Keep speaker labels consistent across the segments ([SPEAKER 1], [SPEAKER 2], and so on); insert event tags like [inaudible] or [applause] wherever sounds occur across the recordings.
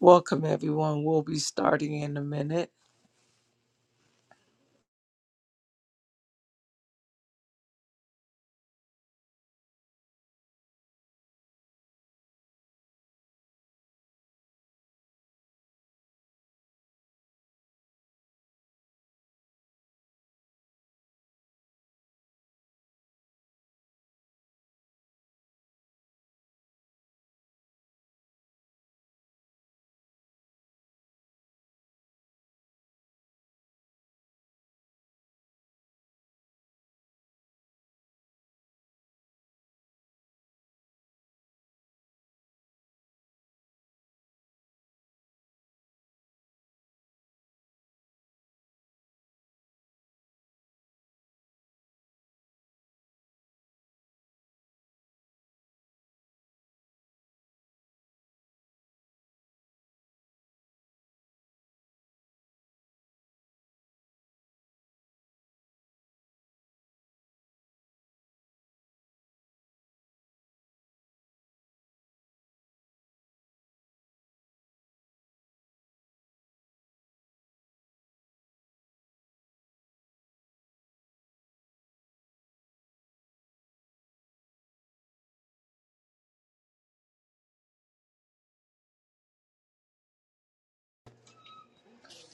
[SPEAKER 1] Welcome, everyone. We'll be starting in a minute.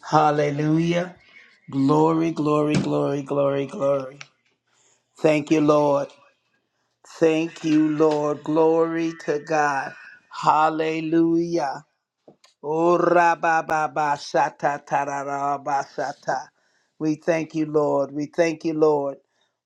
[SPEAKER 2] Hallelujah. Glory, glory, glory, glory, glory. Thank you, Lord. Thank you, Lord. Glory to God. Hallelujah ora ba ba ba shata ta ra ra ba shata. We thank you, Lord. We thank you, Lord.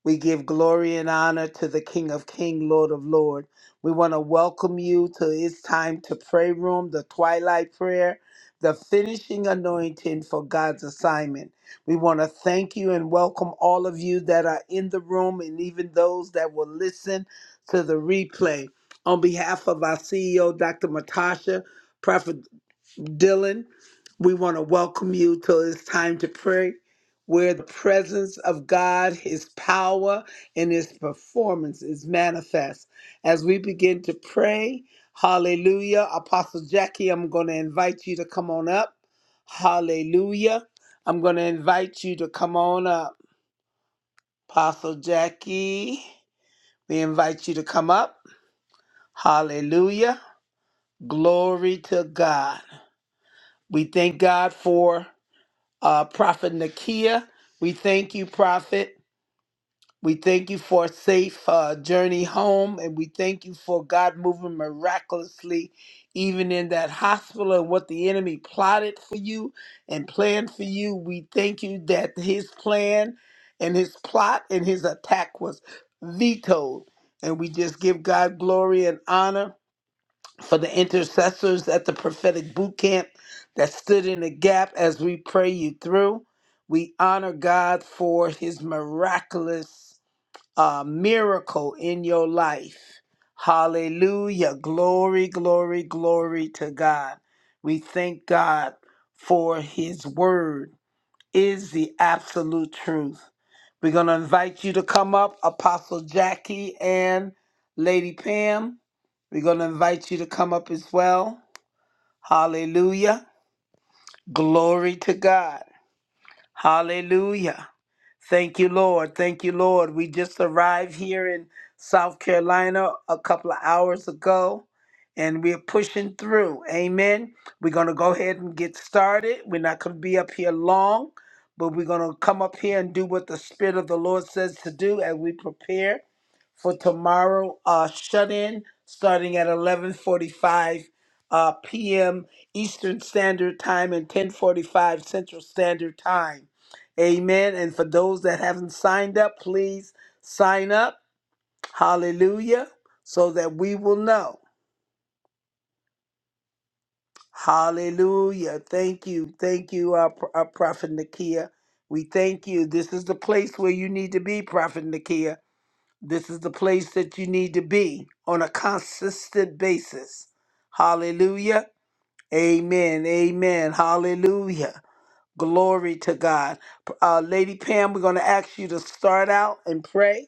[SPEAKER 2] We give glory and honor to the King of King, Lord of Lord. We want to welcome you to It's Time to Pray Room, the Twilight Prayer, the finishing anointing for God's assignment. We want to thank you and welcome all of you that are in the room and even those that will listen to the replay. On behalf of our CEO, Dr. Matasha, Dylan, we want to welcome you till it's time to pray, where the presence of God, His power, and His performance is manifest. As we begin to pray, hallelujah. Apostle Jackie, I'm going to invite you to come on up. Hallelujah. I'm going to invite you to come on up. Apostle Jackie, we invite you to come up. Hallelujah. Glory to God. We thank God for. uh, Prophet Nakia. We thank you, Prophet. We thank you for a safe uh, journey home, and we thank you for God moving miraculously, even in that hospital and what the enemy plotted for you and planned for you. We thank you that his plan and his plot and his attack was vetoed. And we just give God glory and honor for the intercessors at the prophetic boot camp that stood in the gap as we pray you through. We honor God for his miraculous uh, miracle in your life. Hallelujah. Glory, glory, glory to God. We thank God for his word is the absolute truth. We're going to invite you to come up, Apostle Jackie and Lady Pam. We're going to invite you to come up as well. Hallelujah. Glory to God. Hallelujah. Thank you, Lord. Thank you, Lord. We just arrived here in South Carolina a couple of hours ago, and we're pushing through. Amen. We're going to go ahead and get started. We're not going to be up here long, but we're going to come up here and do what the Spirit of the Lord says to do as we prepare for tomorrow uh, shut-in starting at 11.45 uh, p.m. Eastern Standard Time and 10.45 Central Standard Time. Amen. And for those that haven't signed up, please sign up. Hallelujah. So that we will know. Hallelujah. Thank you. Thank you, uh, Pro- uh, Prophet Nakia. We thank you. This is the place where you need to be, Prophet Nakia. This is the place that you need to be on a consistent basis. Hallelujah. Amen. Amen. Hallelujah. Glory to God. Uh, Lady Pam, we're going to ask you to start out and pray,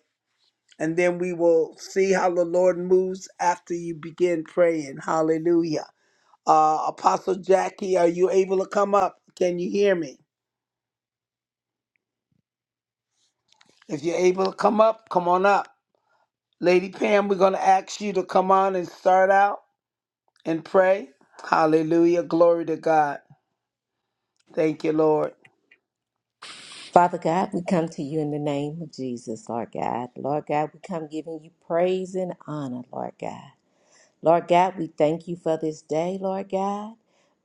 [SPEAKER 2] and then we will see how the Lord moves after you begin praying. Hallelujah. Uh, Apostle Jackie, are you able to come up? Can you hear me? If you're able to come up, come on up. Lady Pam, we're going to ask you to come on and start out and pray. Hallelujah. Glory to God. Thank you, Lord.
[SPEAKER 3] Father God, we come to you in the name of Jesus, Lord God. Lord God, we come giving you praise and honor, Lord God. Lord God, we thank you for this day, Lord God.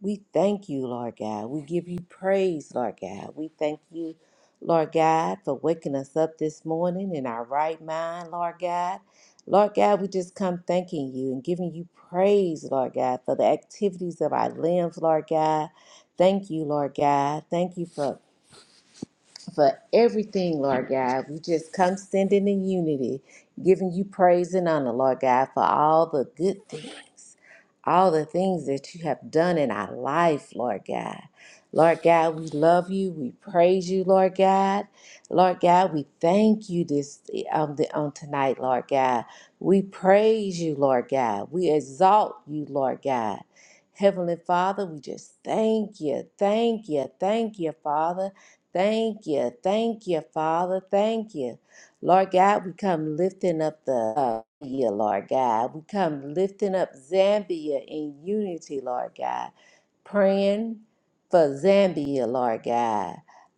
[SPEAKER 3] We thank you, Lord God. We give you praise, Lord God. We thank you, Lord God, for waking us up this morning in our right mind, Lord God. Lord God, we just come thanking you and giving you praise, Lord God, for the activities of our limbs, Lord God. Thank you, Lord God. Thank you for for everything, Lord God. We just come standing in unity, giving you praise and honor, Lord God, for all the good things, all the things that you have done in our life, Lord God. Lord God, we love you. We praise you, Lord God. Lord God, we thank you this um, the, on tonight, Lord God. We praise you, Lord God. We exalt you, Lord God. Heavenly Father, we just thank you, thank you, thank you, Father. Thank you. Thank you, Father. Thank you. Lord God, we come lifting up the uh, yeah, Lord God. We come lifting up Zambia in unity, Lord God. Praying for Zambia, Lord God.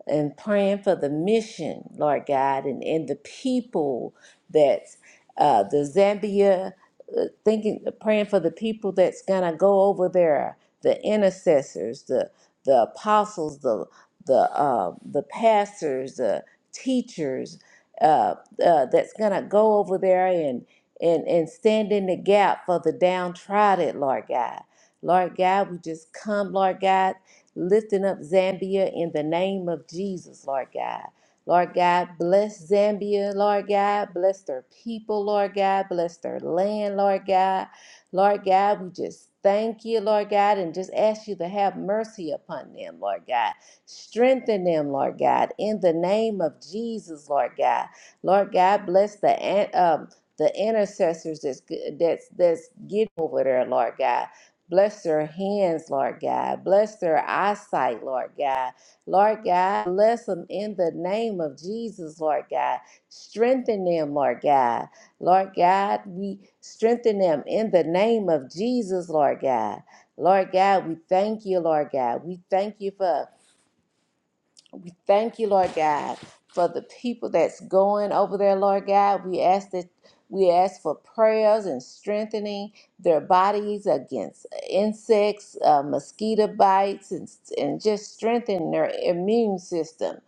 [SPEAKER 3] And praying for the mission, Lord God, and, and the people that uh, the Zambia, uh, thinking, praying for the people that's going to go over there, the intercessors, the the apostles, the the uh, the pastors, the teachers uh, uh, that's gonna go over there and and and stand in the gap for the downtrodden, Lord God. Lord God, we just come, Lord God, lifting up Zambia in the name of Jesus, Lord God. Lord God, bless Zambia, Lord God. Bless their people, Lord God. Bless their land, Lord God. Lord God, we just thank you, Lord God, and just ask you to have mercy upon them, Lord God. Strengthen them, Lord God, in the name of Jesus, Lord God. Lord God, bless the an- um, the intercessors that's that's that's getting over there, Lord God. Bless their hands, Lord God. Bless their eyesight, Lord God. Lord God, bless them in the name of Jesus, Lord God. Strengthen them, Lord God. Lord God, we strengthen them in the name of Jesus, Lord God. Lord God, we thank you, Lord God. We thank you for we thank you, Lord God, for the people that's going over there, Lord God. We ask that we ask for prayers and strengthening their bodies against insects, uh, mosquito bites, and, and just strengthen their immune system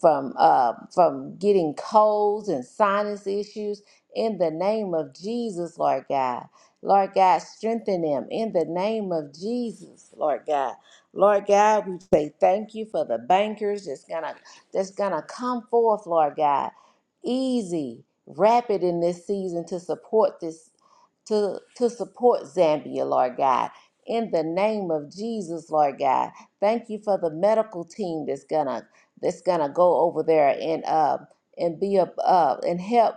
[SPEAKER 3] from uh, from getting colds and sinus issues. In the name of Jesus, Lord God. Lord God, strengthen them in the name of Jesus, Lord God. Lord God, we say thank you for the bankers that's gonna that's gonna come forth, Lord God, easy, rapid in this season to support this to to support Zambia, Lord God. In the name of Jesus, Lord God, thank you for the medical team that's gonna that's gonna go over there and uh and be up uh, and help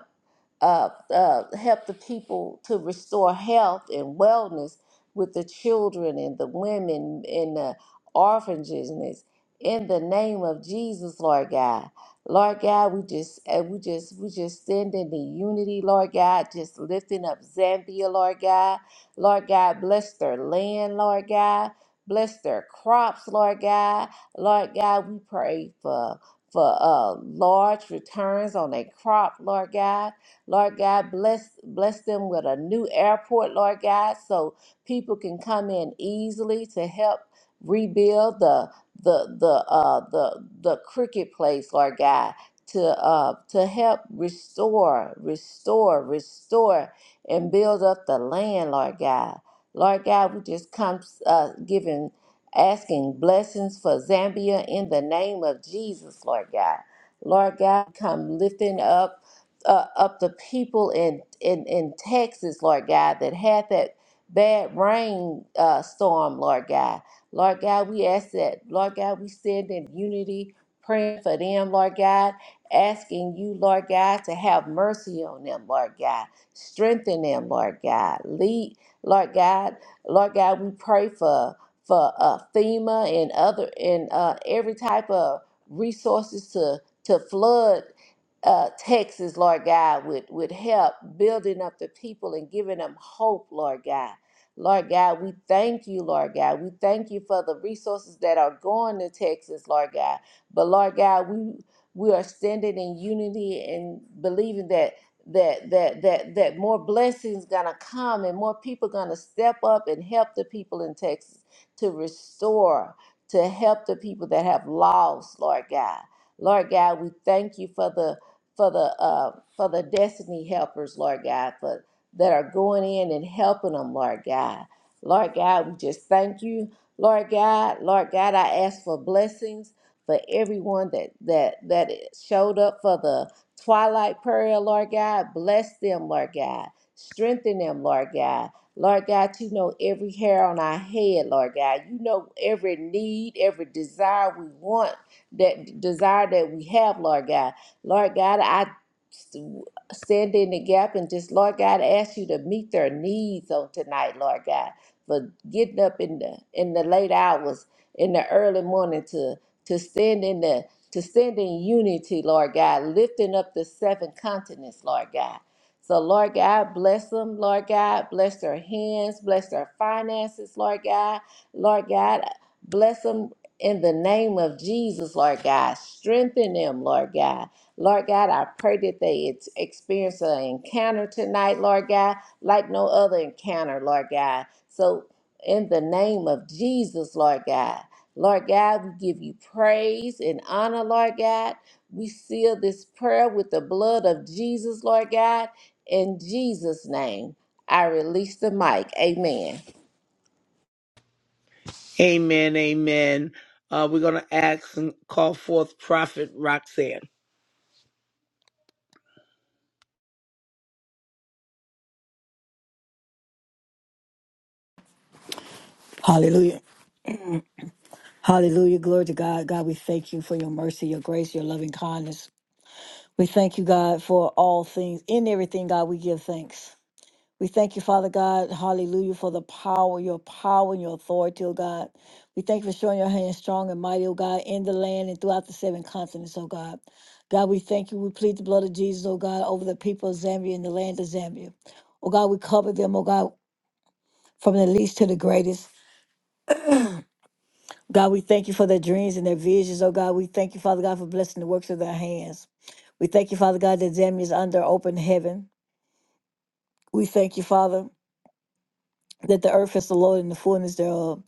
[SPEAKER 3] uh, uh, help the people to restore health and wellness with the children and the women and the orphanages in the name of Jesus, Lord God. Lord God, we just eh, we just we just stand in the unity, Lord God, just lifting up Zambia, Lord God. Lord God, bless their land, Lord God. Bless their crops, Lord God. Lord God, we pray for for uh, large returns on their crop, Lord God. Lord God, bless bless them with a new airport, Lord God, so people can come in easily to help rebuild the the the uh the the cricket place, Lord God, to uh to help restore, restore, restore, and build up the land, Lord God. Lord God, we just come uh giving asking blessings for Zambia in the name of Jesus, Lord God. Lord God, come lifting up uh, up the people in, in in Texas, Lord God, that had that bad rain uh, storm, Lord God. Lord God, we ask that, Lord God, we stand in unity, praying for them, Lord God, asking you, Lord God, to have mercy on them, Lord God. Strengthen them, Lord God. Lead, Lord God. Lord God, we pray for for uh, FEMA and other and uh, every type of resources to to flood uh, Texas, Lord God, with with help building up the people and giving them hope, Lord God. Lord God, we thank you, Lord God. We thank you for the resources that are going to Texas, Lord God. But Lord God, we we are standing in unity and believing that that that that that more blessings gonna come and more people gonna step up and help the people in Texas to restore, to help the people that have lost, Lord God. Lord God, we thank you for the for the uh, for the destiny helpers, Lord God, for that are going in and helping them, Lord God. Lord God, we just thank you. Lord God, Lord God, I ask for blessings for everyone that that that showed up for the twilight prayer, Lord God. Bless them, Lord God. Strengthen them, Lord God. Lord God, you know every hair on our head, Lord God. You know every need, every desire we want, that desire that we have, Lord God. Lord God, I stand in the gap and just, Lord God, ask you to meet their needs on tonight, Lord God, for getting up in the in the late hours, in the early morning to to stand in the to stand in unity, Lord God, lifting up the seven continents, Lord God. So, Lord God, bless them, Lord God, bless their hands, bless their finances, Lord God, Lord God, bless them in the name of Jesus, Lord God. Strengthen them, Lord God. Lord God, I pray that they ex- experience an encounter tonight, Lord God, like no other encounter, Lord God. So, in the name of Jesus, Lord God, Lord God, we give you praise and honor, Lord God. We seal this prayer with the blood of Jesus, Lord God. In Jesus' name, I release the mic. Amen.
[SPEAKER 2] Amen. Amen. Uh, we're going to ask and call forth Prophet Roxanne.
[SPEAKER 4] Hallelujah. Hallelujah. Glory to God. God, we thank you for your mercy, your grace, your loving kindness. We thank you, God, for all things. In everything, God, we give thanks. We thank you, Father God. Hallelujah, for the power, your power and your authority, oh God. We thank you for showing your hand strong and mighty, oh God, in the land and throughout the seven continents, oh God. God, we thank you. We plead the blood of Jesus, oh God, over the people of Zambia and the land of Zambia. Oh God, we cover them, oh God, from the least to the greatest. God, we thank you for their dreams and their visions. Oh God, we thank you, Father God, for blessing the works of their hands. We thank you, Father God, that Zambia is under open heaven. We thank you, Father, that the earth is the Lord and the fullness thereof.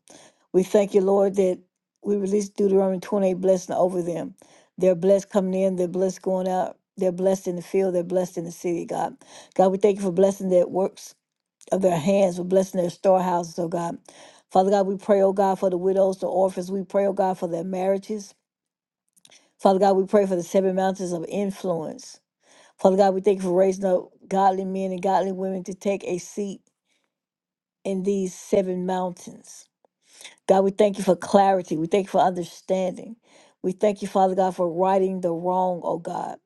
[SPEAKER 4] We thank you, Lord, that we release Deuteronomy 28 blessing over them. They're blessed coming in, they're blessed going out, they're blessed in the field, they're blessed in the city, God. God, we thank you for blessing their works of their hands, for blessing their storehouses, oh God. Father God, we pray, oh God, for the widows, the orphans. We pray, oh God, for their marriages. Father God, we pray for the seven mountains of influence. Father God, we thank you for raising up godly men and godly women to take a seat in these seven mountains. God, we thank you for clarity. We thank you for understanding. We thank you, Father God, for righting the wrong, oh God.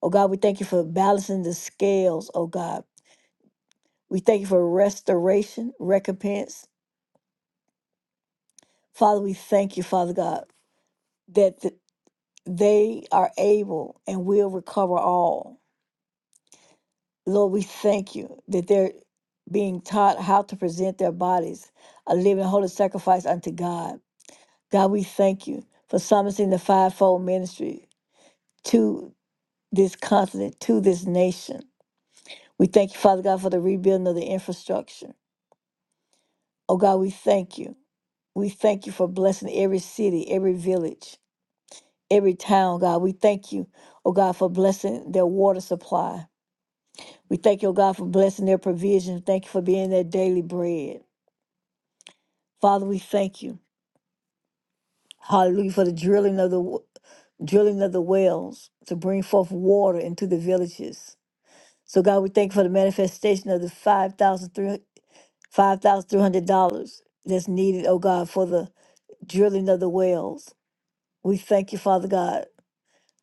[SPEAKER 4] Oh God, we thank you for balancing the scales, oh God. We thank you for restoration, recompense. Father, we thank you, Father God, that th- they are able and will recover all. Lord, we thank you that they're being taught how to present their bodies a living holy sacrifice unto God. God, we thank you for summoning the fivefold ministry to this continent, to this nation. We thank you, Father God, for the rebuilding of the infrastructure. Oh God, we thank you. We thank you for blessing every city, every village, every town, God. We thank you, oh God, for blessing their water supply. We thank you, oh God, for blessing their provision. Thank you for being their daily bread. Father, we thank you. Hallelujah for the drilling of the w- drilling of the wells to bring forth water into the villages. So God, we thank you for the manifestation of the five thousand three five thousand three hundred dollars that's needed, oh God, for the drilling of the wells. We thank you, Father God,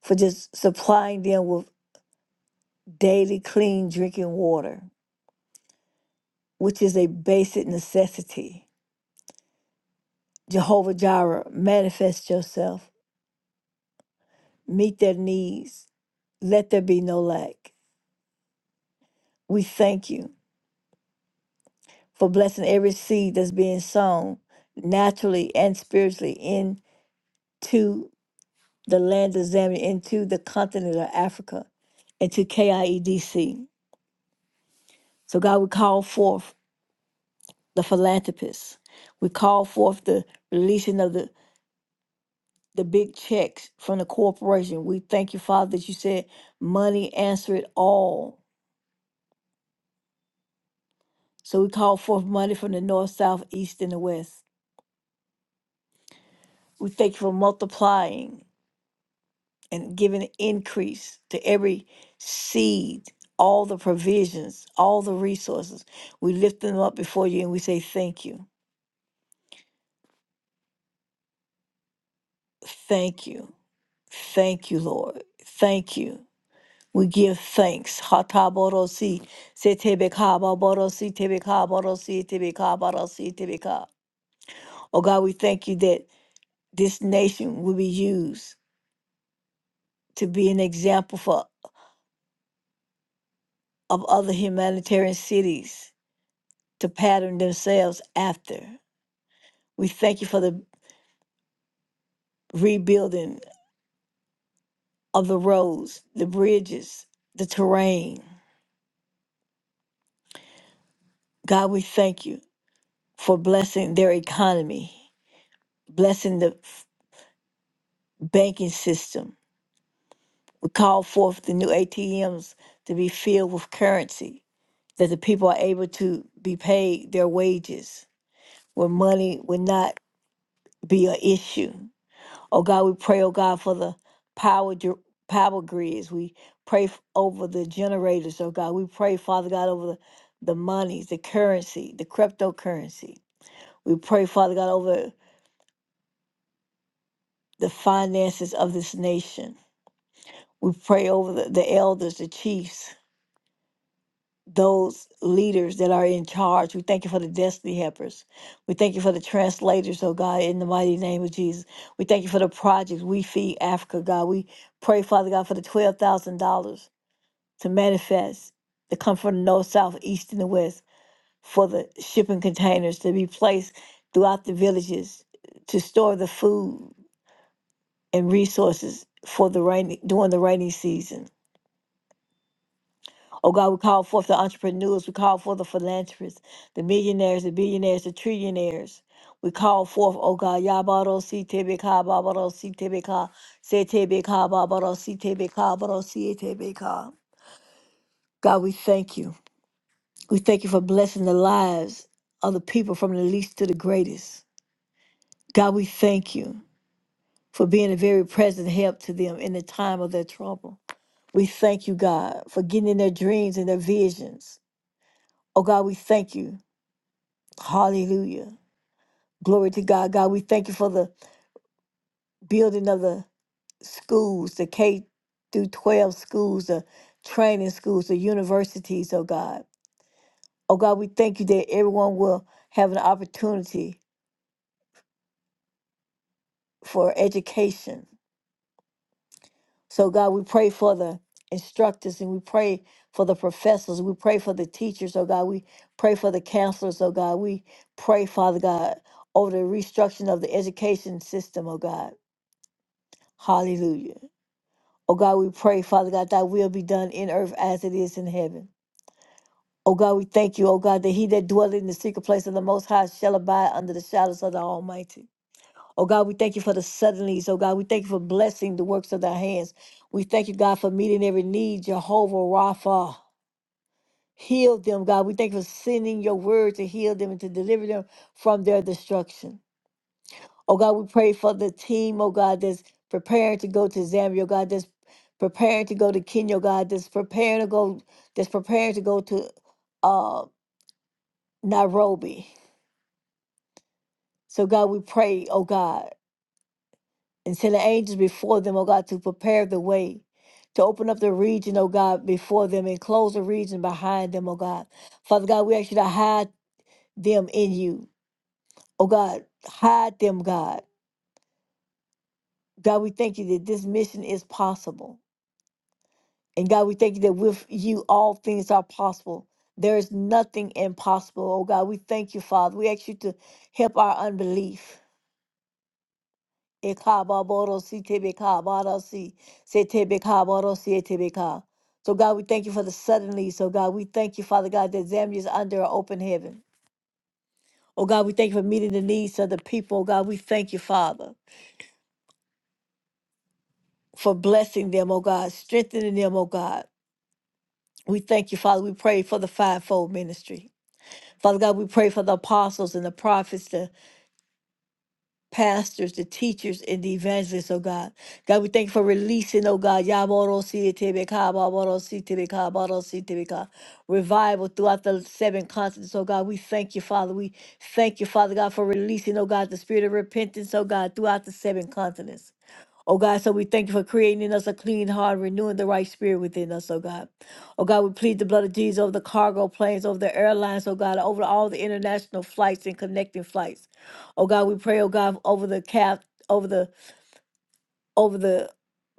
[SPEAKER 4] for just supplying them with daily clean drinking water, which is a basic necessity. Jehovah Jireh, manifest yourself, meet their needs, let there be no lack. We thank you for blessing every seed that's being sown naturally and spiritually into the land of Zambia, into the continent of Africa, into KIEDC. So, God, we call forth the philanthropists. We call forth the releasing of the, the big checks from the corporation. We thank you, Father, that you said money answer it all. So, we call forth money from the north, south, east, and the west. We thank you for multiplying and giving increase to every seed, all the provisions, all the resources. We lift them up before you and we say, Thank you, thank you, thank you, Lord, thank you. We give thanks. Hataborosi, setebekababorosi, tebekaborosi, tebekaborosi, tebeka. Oh God, we thank you that this nation will be used to be an example for of other humanitarian cities to pattern themselves after. We thank you for the rebuilding of the roads, the bridges, the terrain. God, we thank you for blessing their economy, blessing the f- banking system. We call forth the new ATMs to be filled with currency, that the people are able to be paid their wages, where money would not be an issue. Oh God, we pray, oh God, for the power dr- power grids. We pray f- over the generators, oh God. We pray, Father God, over the, the monies, the currency, the cryptocurrency. We pray, Father God, over the finances of this nation. We pray over the, the elders, the chiefs, those leaders that are in charge. We thank you for the destiny helpers. We thank you for the translators, oh God, in the mighty name of Jesus. We thank you for the projects. We feed Africa, God. We pray, Father God, for the $12,000. to manifest to come from the north, south, east, and the west for the shipping containers to be placed throughout the villages to store the food and resources for the rainy during the rainy season. Oh God, we call forth the entrepreneurs, we call forth the philanthropists, the millionaires, the billionaires, the trillionaires. We call forth, oh God, Yabaro si tebeka, Babaro si tebeka, se tebeka, Babaro si tebeka, Babaro si tebeka. God, we thank you. We thank you for blessing the lives of the people from the least to the greatest. God, we thank you for being a very present help to them in the time of their trouble. We thank you, God, for getting in their dreams and their visions. Oh, God, we thank you. Hallelujah. Glory to God. God, we thank you for the building of the schools, the K through 12 schools, the training schools, the universities, oh God. Oh God, we thank you that everyone will have an opportunity for education. So, God, we pray for the instructors and we pray for the professors. We pray for the teachers, oh God. We pray for the counselors, oh God. We pray, Father God, over the restructuring of the education system, oh God. Hallelujah. Oh God, we pray, Father God, thy will be done in earth as it is in heaven. Oh God, we thank you, oh God, that he that dwelleth in the secret place of the Most High shall abide under the shadows of the Almighty. Oh God, we thank you for the suddenlies. Oh God, we thank you for blessing the works of thy hands. We thank you, God, for meeting every need, Jehovah Rapha. Heal them, God. We thank you for sending your word to heal them and to deliver them from their destruction. Oh God, we pray for the team, oh God, that's preparing to go to Zambia, oh God, that's preparing to go to Kenya, oh God, that's preparing to go, that's preparing to go to uh Nairobi. So God, we pray, oh God. and send the angels before them, O God, to prepare the way, to open up the region, O God, before them and close the region behind them, O God. Father God, we ask you to hide them in you. O God, hide them, God. God, we thank you that this mission is possible. And God, we thank you that with you all things are possible. There is nothing impossible, O God. We thank you, Father. We ask you to help our unbelief. Ekababodosi tebekabadosi, setebekabodosi etebeka. So, God, we thank you for the suddenly. So, God, we thank you, Father God, that Zambia is under an open heaven. Oh, God, we thank you for meeting the needs of the people. Oh, God, we thank you, Father, for blessing them, oh, God, strengthening them, oh, God. We thank you, Father. We pray for the fivefold ministry. Father God, we pray for the apostles and the prophets, the pastors, the teachers, and the evangelists, oh God. God, we thank you for releasing, oh God, Yabarositebeka, Babarositebeka, Babarositebeka, revival throughout the seven continents, oh God. We thank you, Father. We thank you, Father God, for releasing, oh God, the spirit of repentance, oh God, throughout the seven continents. Oh God, so we thank you for creating in us a clean heart, renewing the right spirit within us, oh God. Oh God, we plead the blood of Jesus over the cargo planes, over the airlines, oh God, over all the international flights and connecting flights. Oh God, we pray, oh God, over the cap, over the over the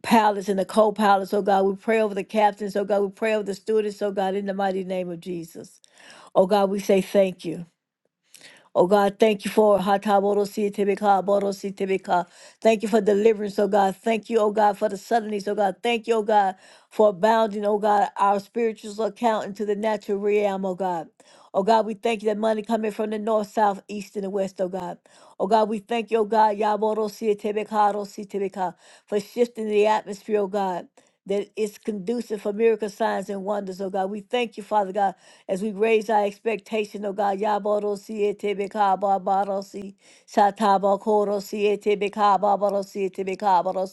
[SPEAKER 4] pilots and the co-pilots, oh God. We pray over the captains, oh God. We pray over the students, oh God, in the mighty name of Jesus. Oh God, we say thank you. Oh God, thank you for Hatabodositibika, Bodositibika. Thank you for deliverance, oh God. Thank you, oh God, for the suddenness, oh God. Thank you, oh God, for abounding, oh God, our spiritual account into the natural realm, oh God. Oh God, we thank you that money coming from the north, south, east, and the west, oh God. Oh God, we thank you, oh God, Yabodositibika, Dositibika, for shifting the atmosphere, oh God. That it's conducive for miracle signs and wonders, oh God. We thank you, Father God as we raise our expectation, O God, Yaboro siete bekaba baro si sataba koro siete bekaba baro siete bekaba baro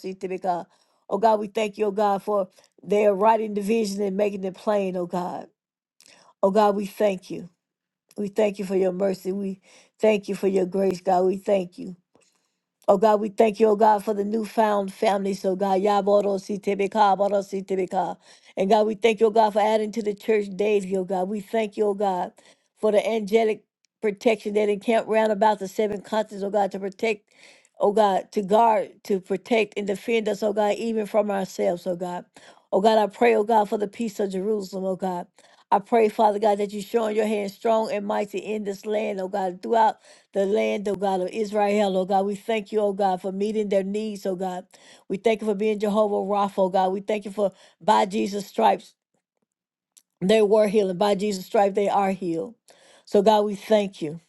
[SPEAKER 4] Oh God, we thank you, O God, for they are writing the vision and making it plain, O God. O God, we thank you. We thank you for your mercy. We thank you for your grace, God. We thank you. Oh God, we thank you, oh God, for the newfound family. So God, Yaboro si tebeka, Boro si tebeka. And God, we thank you, oh God, for adding to the church daily, oh God. We thank you, oh God, for the angelic protection that encamped round about the seven continents, oh God, to protect, oh God, to guard, to protect and defend us, oh God, even from ourselves, oh God. Oh God, I pray, oh God, for the peace of Jerusalem, oh God. I pray, Father God, that you showing your hand strong and mighty in this land, oh God, throughout the land, oh God, of Israel, oh God. We thank you, oh God, for meeting their needs, oh God. We thank you for being Jehovah Rapha, oh God. We thank you for by Jesus' stripes they were healed, and by Jesus' stripes they are healed. So, God, we thank you.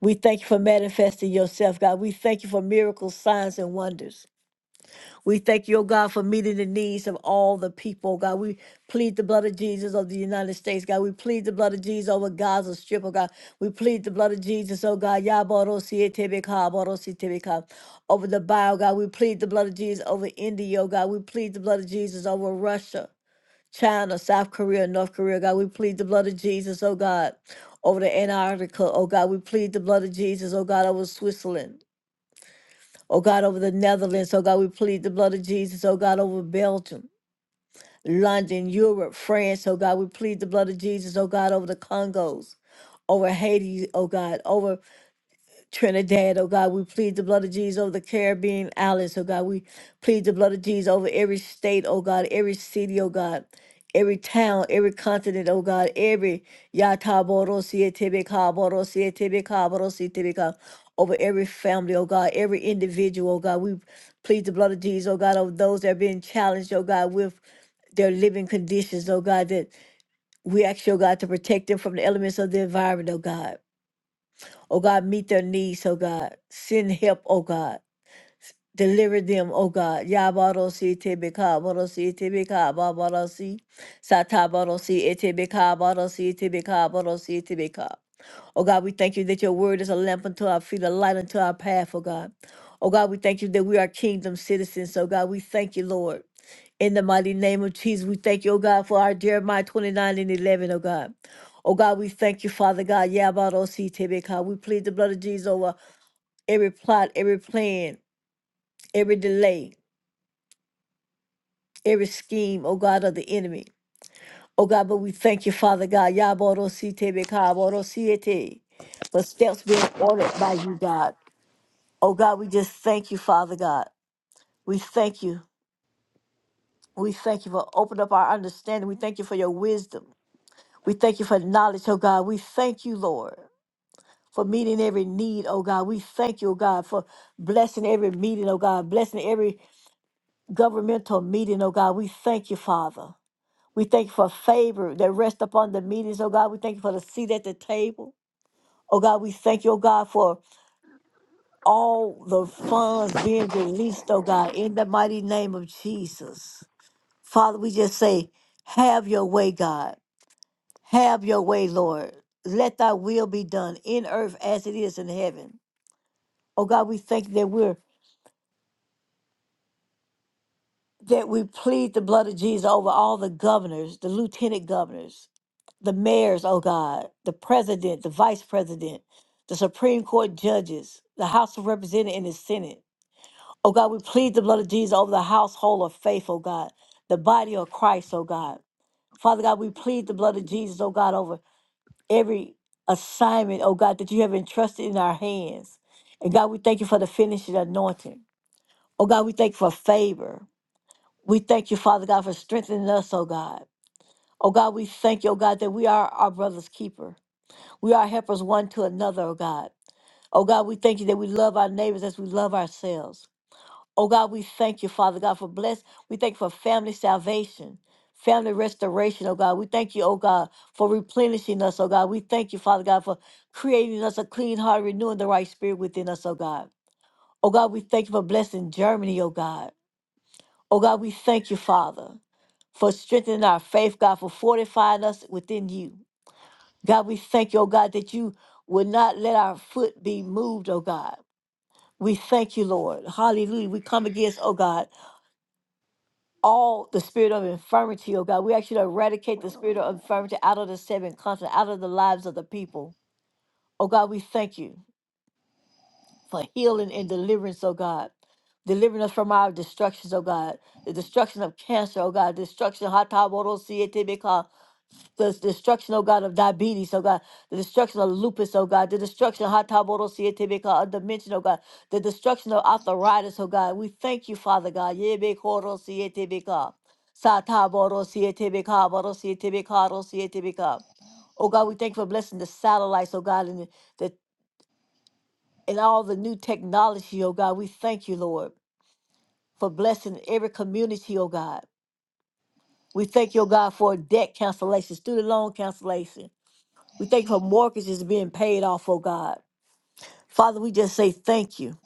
[SPEAKER 4] We thank you for manifesting yourself, God. We thank you for miracles, signs, and wonders. We thank you, oh God, for meeting the needs of all the people, God. We plead the blood of Jesus of the United States, God. We plead the blood of Jesus over Gaza Strip, oh God. We plead the blood of Jesus, oh God. Yabarosietebeka, Barositebeka, Over the bio, God. We plead the blood of Jesus over India, oh God. We plead the blood of Jesus over Russia, China, South Korea, North Korea, God. We plead the blood of Jesus, oh God. Over the Antarctica, oh God. We plead the blood of Jesus, oh God, over Switzerland. Oh God, over the Netherlands. Oh God, we plead the blood of Jesus. Oh God, over Belgium, London, Europe, France. Oh God, we plead the blood of Jesus. Oh God, over the Congos, over Haiti. Oh God, over Trinidad, oh God, we plead the blood of Jesus over the Caribbean islands, oh God. We plead the blood of Jesus over every state, oh God, every city, oh God, every town, every continent, oh God, every Yataboro over every family, oh God, every individual, oh God. We plead the blood of Jesus, oh God, over those that are being challenged, oh God, with their living conditions, oh God, that we ask, you, oh God, to protect them from the elements of the environment, oh God. Oh God, meet their needs, oh God. Send help, oh God. Deliver them, oh God. Yabarosi tebeka, barosi tebeka, babarosi. Satabarosi etebeka, barosi tebeka, barosi tebeka. Oh God, we thank you that your word is a lamp unto our feet, a light unto our path, oh God. Oh God, we thank you that we are kingdom citizens. Oh God, we thank you, Lord. In the mighty name of Jesus, we thank you, oh God, for our Jeremiah 29 and 11, oh God. Oh God, we thank you, Father God. Yabarosi Tebeka. We plead the blood of Jesus over every plot, every plan, every delay, every scheme, oh God, of the enemy. Oh God, but we thank you, Father God. Yabarosi Tebeka, Aborosi Ete, For steps being ordered by you, God. Oh God, we just thank you, Father God. We thank you. We thank you for opening up our understanding. We thank you for your wisdom. We thank you for knowledge, oh God. We thank you, Lord, for meeting every need, oh God. We thank you, oh God, for blessing every meeting, oh God, blessing every governmental meeting, oh God. We thank you, Father. We thank you for favor that rests upon the meetings, oh God. We thank you for the seat at the table. Oh God, we thank you, oh God, for all the funds being released, oh God, in the mighty name of Jesus. Father, we just say, have your way, God. Have your way, Lord. Let thy will be done in earth as it is in heaven. Oh God, we thank you that we're that we plead the blood of Jesus over all the governors, the lieutenant governors, the mayors, oh God, the president, the vice president, the Supreme Court judges, the House of Representatives and the Senate. Oh God, we plead the blood of Jesus over the household of faith, oh God, the body of Christ, oh God. Father God, we plead the blood of Jesus, oh God, over every assignment, oh God, that you have entrusted in our hands. And God, we thank you for the finishing anointing. Oh God, we thank you for favor. We thank you, Father God, for strengthening us, oh God. Oh God, we thank you, oh God, that we are our brother's keeper. We are helpers one to another, oh God. Oh God, we thank you that we love our neighbors as we love ourselves. Oh God, we thank you, Father God, for bless. We thank you for family salvation, family restoration, oh God. We thank you, oh God, for replenishing us, oh God. We thank you, Father God, for creating us a clean heart, renewing the right spirit within us, oh God. Oh God, we thank you for blessing Germany, oh God. Oh God, we thank you, Father, for strengthening our faith, God, for fortifying us within you. God, we thank you, oh God, that you will not let our foot be moved, oh God. We thank you, Lord. Hallelujah. We come against, oh God. all the spirit of infirmity, oh God. We ask you to eradicate the spirit of infirmity out of the seven continents, out of the lives of the people. Oh God, we thank you for healing and deliverance, oh God. Delivering us from our destructions, oh God. The destruction of cancer, oh God. Destruction, hataborosietebeka, the destruction, oh God, of diabetes, oh God. The destruction of lupus, oh God. The destruction, hataborosietebeka, of dementia, oh God. The destruction of arthritis, oh God. We thank you, Father God. Yebekorosietebeka, sataborosietebeka, borosietebeka, rosietebeka. Oh God, we thank you for blessing the satellites, oh God, and the and all the new technology, oh God. We thank you, Lord, for blessing every community, oh God. We thank you, oh God, for debt cancellation, student loan cancellation. We thank you for mortgages being paid off, oh God. Father, we just say thank you.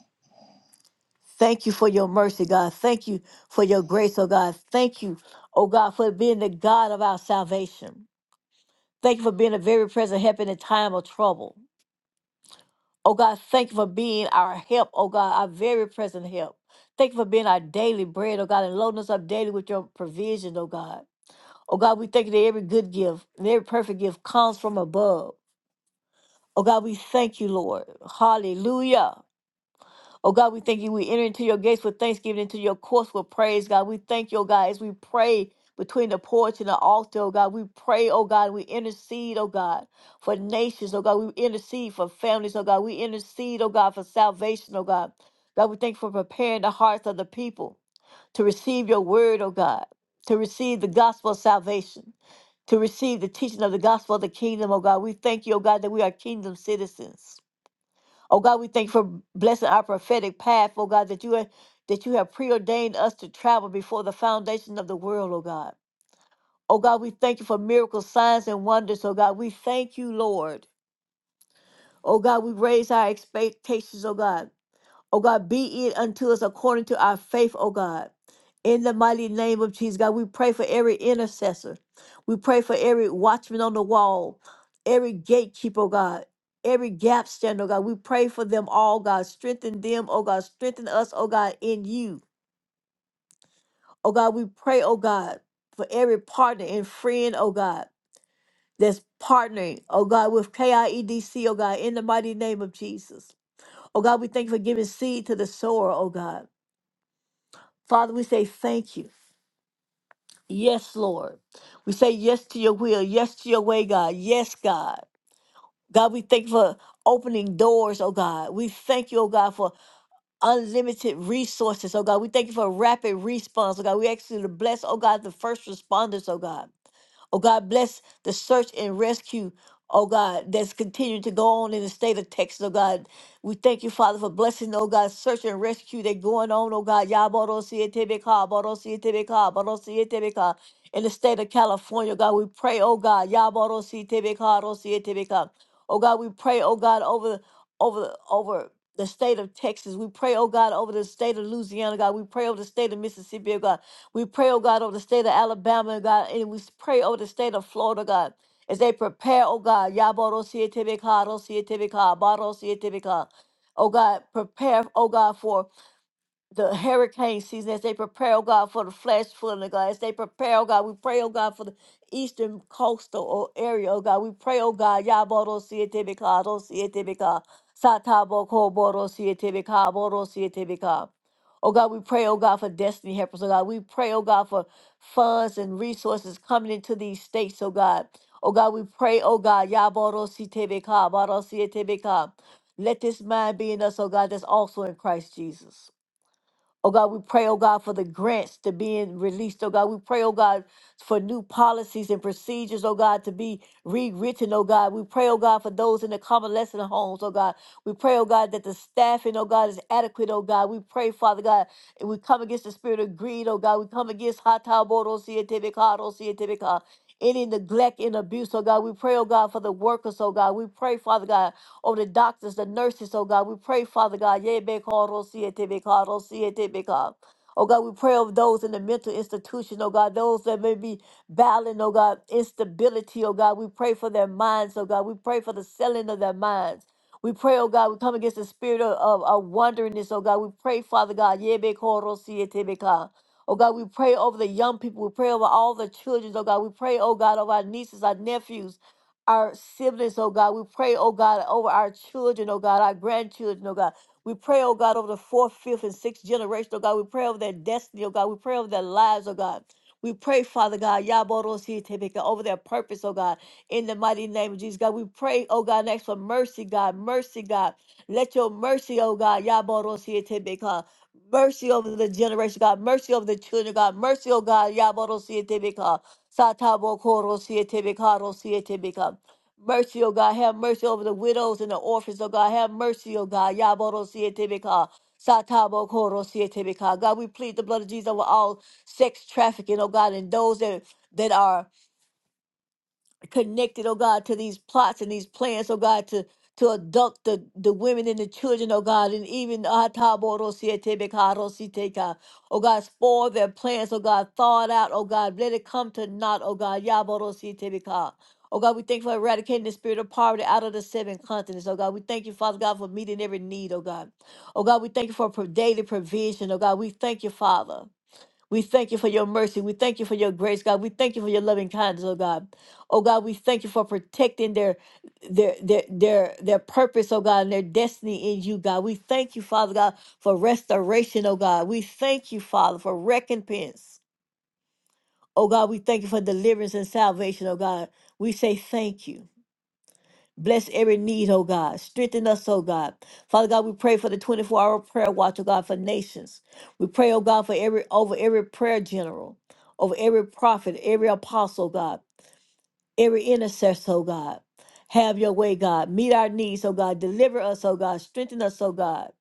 [SPEAKER 4] Thank you for your mercy, God. Thank you for your grace, oh God. Thank you, oh God, for being the God of our salvation. Thank you for being a very present help in a time of trouble. Oh God, thank you for being our help, oh God, our very present help. Thank you for being our daily bread, oh God, and loading us up daily with your provision, oh God. Oh God, we thank you that every good gift and every perfect gift comes from above. Oh God, we thank you, Lord. Hallelujah. Oh God, we thank you. We enter into your gates with thanksgiving, into your courts with praise, God. We thank you, oh God, as we pray between the porch and the altar, oh God. We pray, oh God, we intercede, oh God, for nations, oh God. We intercede for families, oh God. We intercede, oh God, for salvation, oh God. God, we thank you for preparing the hearts of the people to receive your word, oh God, to receive the gospel of salvation, to receive the teaching of the gospel of the kingdom, oh God. We thank you, oh God, that we are kingdom citizens. Oh God, we thank you for blessing our prophetic path, oh God, that you have that you have preordained us to travel before the foundation of the world, oh God. Oh God, we thank you for miracles, signs, and wonders, oh God. We thank you, Lord. Oh God, we raise our expectations, oh God. O God, be it unto us according to our faith, O God. In the mighty name of Jesus, God, we pray for every intercessor. We pray for every watchman on the wall, every gatekeeper, O God, every gap stand, O God. We pray for them all, God. Strengthen them, O God. Strengthen us, O God, in you. O God, we pray, O God, for every partner and friend, O God, that's partnering, O God, with KIEDC, oh God, in the mighty name of Jesus. O God, we thank you for giving seed to the sower, O God. Father, we say thank you. Yes, Lord. We say yes to your will, yes to your way, God. Yes, God. God, we thank you for opening doors, oh God. We thank you, oh God, for unlimited resources, oh God. We thank you for rapid response, oh God. We ask you to bless, oh God, the first responders, oh God. Oh God, bless the search and rescue. Oh God, that's continuing to go on in the state of Texas. Oh God, we thank you, Father, for blessing. Oh God, search and rescue that going on. Oh God, Yabarosietebeka, Barosietebeka, Barosietebeka. in the state of California. God, we pray. Oh God, Yabarosietebeka, Rosietebeka. Oh God, we pray. Oh God, over over over the state of Texas. We pray, oh God, over the state of Louisiana, God. We pray over the state of Mississippi, oh God. We pray, oh God, over the state of Alabama, oh God, and we pray over the state of Florida, God, as they prepare, oh God, Yaboro Sietibika, Rosietibika, Baro Sietibika. Oh God, prepare, oh God, for the hurricane season as they prepare, oh God, for the flash flooding, oh God, as they prepare, oh God, we pray, oh God, for the eastern coastal oh, area, oh God, we pray, oh God, Yaboro Sietebeka, Rosietebeka, Satabo Koboro Sietebeka, Boro Sietebeka. Oh God, we pray, oh God, for destiny helpers, oh God, we pray, oh God, for funds and resources coming into these states, oh God. Oh God, we pray, oh God, Yaboro Sietebeka, Boro Sietebeka. Let this mind be in us, oh God, that's also in Christ Jesus. Oh God, we pray, oh God, for the grants to being released. Oh God, we pray, oh God, for new policies and procedures, oh God, to be rewritten, oh God. We pray, oh God, for those in the convalescent homes, oh God. We pray, oh God, that the staffing, oh God, is adequate, oh God. We pray, Father God, and we come against the spirit of greed, oh God. We come against any neglect and abuse, oh God. We pray, oh God, for the workers, oh God. We pray, Father God over the doctors, the nurses, oh God. We pray, Father God. yeah, be called, Oh siete, be called, oh, siete, be called. Oh, God, we pray over those in the mental institution, oh God, those that may be battling, oh God, instability, oh God. We pray for their minds, oh God. We pray for the selling of their minds. We pray, oh God, we come against the spirit of, of, of wanderingness, oh God. We pray, Father God, yeah, be called, oh, siete, be called. Oh God, we pray over the young people. We pray over all the children. Oh God, we pray, oh God, over our nieces, our nephews our siblings, oh God. We pray, oh God, over our children, oh God, our grandchildren, oh God. We pray, oh God, over the fourth, fifth, and sixth generation, oh God. We pray over their destiny, oh God. We pray over their lives, oh God. We pray, Father God, Yaborositebeka, over their purpose, oh God, in the mighty name of Jesus, God. We pray, oh God, and ask for mercy, God, mercy, God. Let your mercy, oh God, Yaborositebeka, mercy over the generation, God, mercy over the children, God, mercy, oh God, Yaborositebeka, Satabokoro Mercy, oh God, have mercy over the widows and the orphans, oh God. Have mercy, oh God. Yaboro sietebeka. Satabo koro sietebeka. God, we plead the blood of Jesus over all sex trafficking, oh God, and those that that are connected, oh God, to these plots and these plans, oh God, to to abduct the, the women and the children, oh God, and even ah, taborosietebekaarositeka. oh God, spoil their plans, oh God, thaw it out, oh God, let it come to naught, oh God, yaborosietebeka. Oh God, we thank you for eradicating the spirit of poverty out of the seven continents. Oh God, we thank you, Father God, for meeting every need, oh God. Oh God, we thank you for pro- daily provision, oh God. We thank you, Father. We thank you for your mercy. We thank you for your grace, God. We thank you for your loving kindness, oh God. Oh God, we thank you for protecting their their their their their purpose, oh God, and their destiny in you, God. We thank you, Father God, for restoration, oh God. We thank you, Father, for recompense. Oh God, we thank you for deliverance and salvation, oh God. We say thank you. Bless every need, oh God. Strengthen us, oh God. Father God, we pray for the 24 hour prayer watch, oh God, for nations. We pray, oh God, for every over every prayer general, over every prophet, every apostle, oh God, every intercessor, oh God. Have your way, God. Meet our needs, oh God. Deliver us, oh God. Strengthen us, oh God.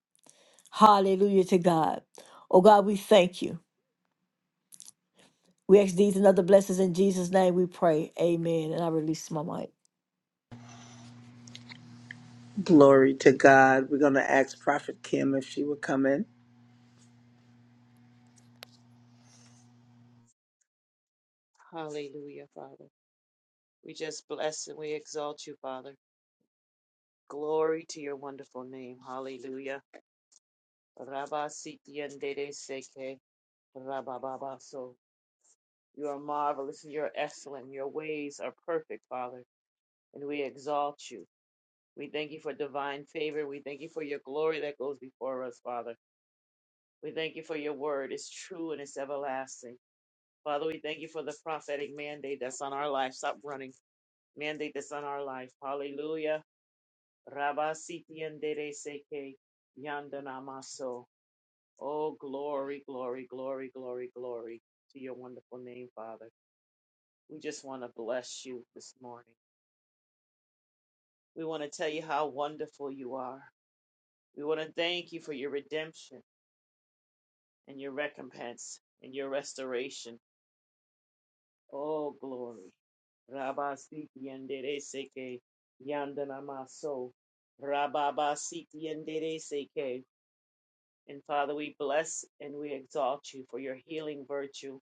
[SPEAKER 4] Hallelujah to God. Oh God, we thank you. We ask these and other blessings in Jesus' name we pray. Amen. And I release my mic.
[SPEAKER 2] Glory to God. We're going to ask Prophet Kim if she would come in.
[SPEAKER 5] Hallelujah, Father. We just bless and we exalt you, Father. Glory to your wonderful name. Hallelujah. Rabba sitiendere seke. Rabba baba so. You are marvelous and you're excellent. Your ways are perfect, Father. And we exalt you. We thank you for divine favor. We thank you for your glory that goes before us, Father. We thank you for your word. It's true and it's everlasting. Father, we thank you for the prophetic mandate that's on our life. Stop running. Mandate that's on our life. Hallelujah. Rabasiti Yandanamaso. Oh, glory, glory, glory, glory, glory to your wonderful name, Father. We just want to bless you this morning. We want to tell you how wonderful you are. We want to thank you for your redemption and your recompense and your restoration. Oh, glory. Rabasiti and Yandanamaso. Rababasiti and And Father, we bless and we exalt you for your healing virtue.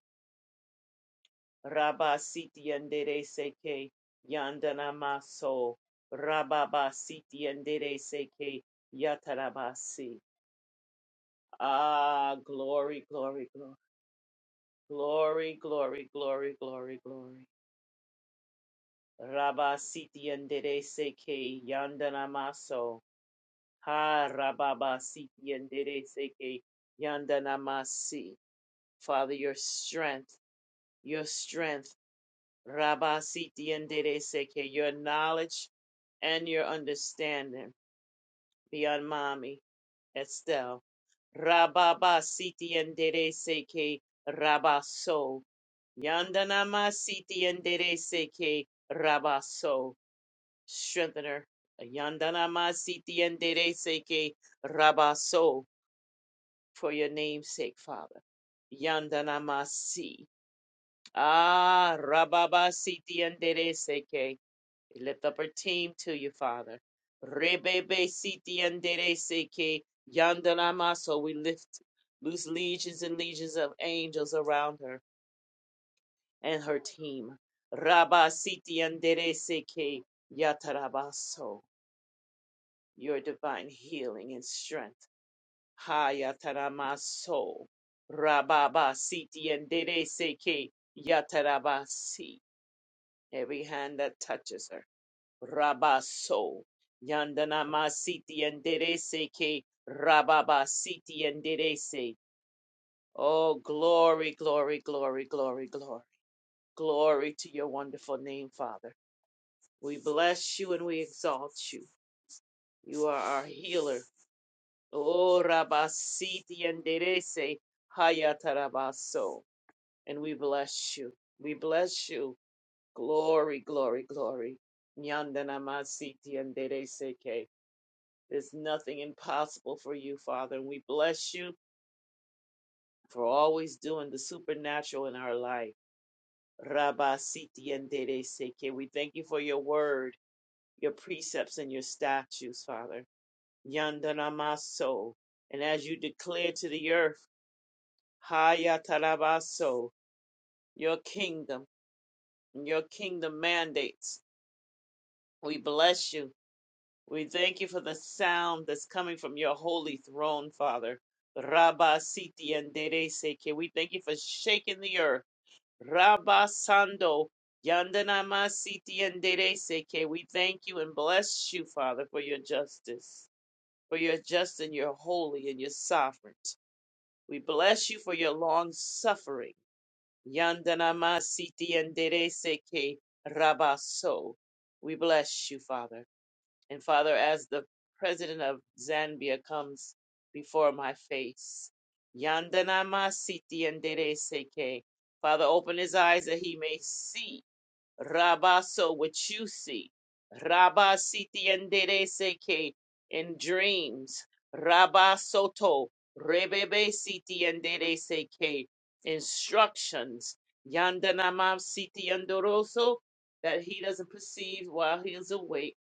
[SPEAKER 5] Rabba siti yandere seke yandana maso. Rabba siti yandere seke yatarabasi. Ah, glory, glory, glory. Glory, glory, glory, glory, glory. Rabba siti yandere seke yandana maso. Ha rabba siti yandere seke yandana masi. Father, your strength your strength. Rabasiti and Dede Seke, your knowledge and your understanding be on mommy, Estelle. Rababasiti and Dede Seke, Rabaso. Yandanamasiti and Dede Seke, Rabaso. Strengthen her. Yandanamasiti and Dede Seke, Rabaso. For your name's sake, Father. Yandanamasi. Ah, Rababasiti and Dede Seke. We lift up our team to you, Father. Rebebe siti andere seke yandanama. So we lift loose legions and legions of angels around her and her team. Rabba siti andere seke yatarabaso. Your divine healing and strength. Ha yataramaso. Rababa siti andere seke yatarabasi. Every hand that touches her. Rabaso. Yandana masiti enderese ke rababasiti enderese. Oh, glory, glory, glory, glory, glory. Glory to your wonderful name, Father. We bless you and we exalt you. You are our healer. Oh, rabasiti enderese hayatarabaso. And we bless you. We bless you. Glory, glory, glory. Yandana masiti enderese ke. There's nothing impossible for you, Father. And we bless you for always doing the supernatural in our life. Rabba Siti and Dede Seke. We thank you for your word, your precepts, and your statutes, Father. Yandanamaso. And as you declare to the earth, Hayatarabaso, your kingdom and your kingdom mandates. We bless you We thank you for the sound that's coming from your holy throne, Father. Rabba Siti and Dereseke. We thank you for shaking the earth. Rabba Sando. Yandanama Siti and Dereseke. We thank you and bless you, Father, for your justice. For your just and your holy and your sovereign. We bless you for your long suffering. Yandanama Siti and Dereseke. Rabba So. We bless you, Father. And Father, as the president of Zambia comes before my face, Yandanama Siti Andere Seke. Father, open his eyes that he may see, Rabaso, what you see. Rabba Siti Andere Seke in dreams. Rabba Soto, Rebebe Siti Andere Seke instructions. Yandanama Siti Andoroso, that he doesn't perceive while he is awake.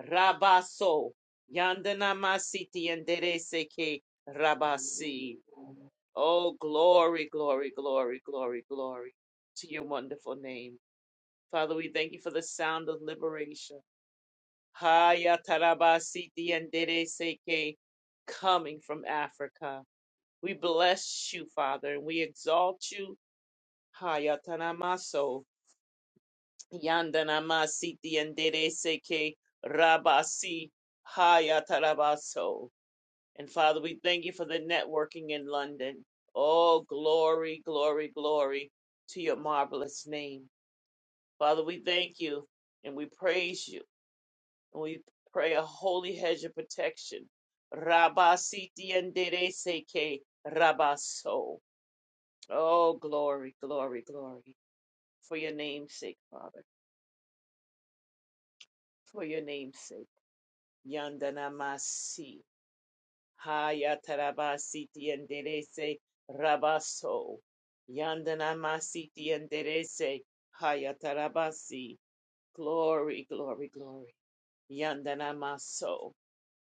[SPEAKER 5] Rabaso. Yandana masiti enderece que rabasi. Oh, glory, glory, glory, glory, glory to your wonderful name. Father, we thank you for the sound of liberation. Haya tarabasiti enderece que coming from Africa. We bless you, Father, and we exalt you. Haya tanamaso. Yandana masiti enderece que rabasi. Haya tarabaso. And Father, we thank you for the networking in London. Oh, glory, glory, glory to your marvelous name. Father, we thank you and we praise you and we pray a holy hedge of protection. Rabasiti and Dereseke Rabaso. Oh, glory, glory, glory. For your name's sake, Father. For your name's sake. Yandanamasi. Hayatarabasiti enderece rabaso. Yandanamasiti enderece hayatarabasi. Glory, glory, glory. Yandanamaso.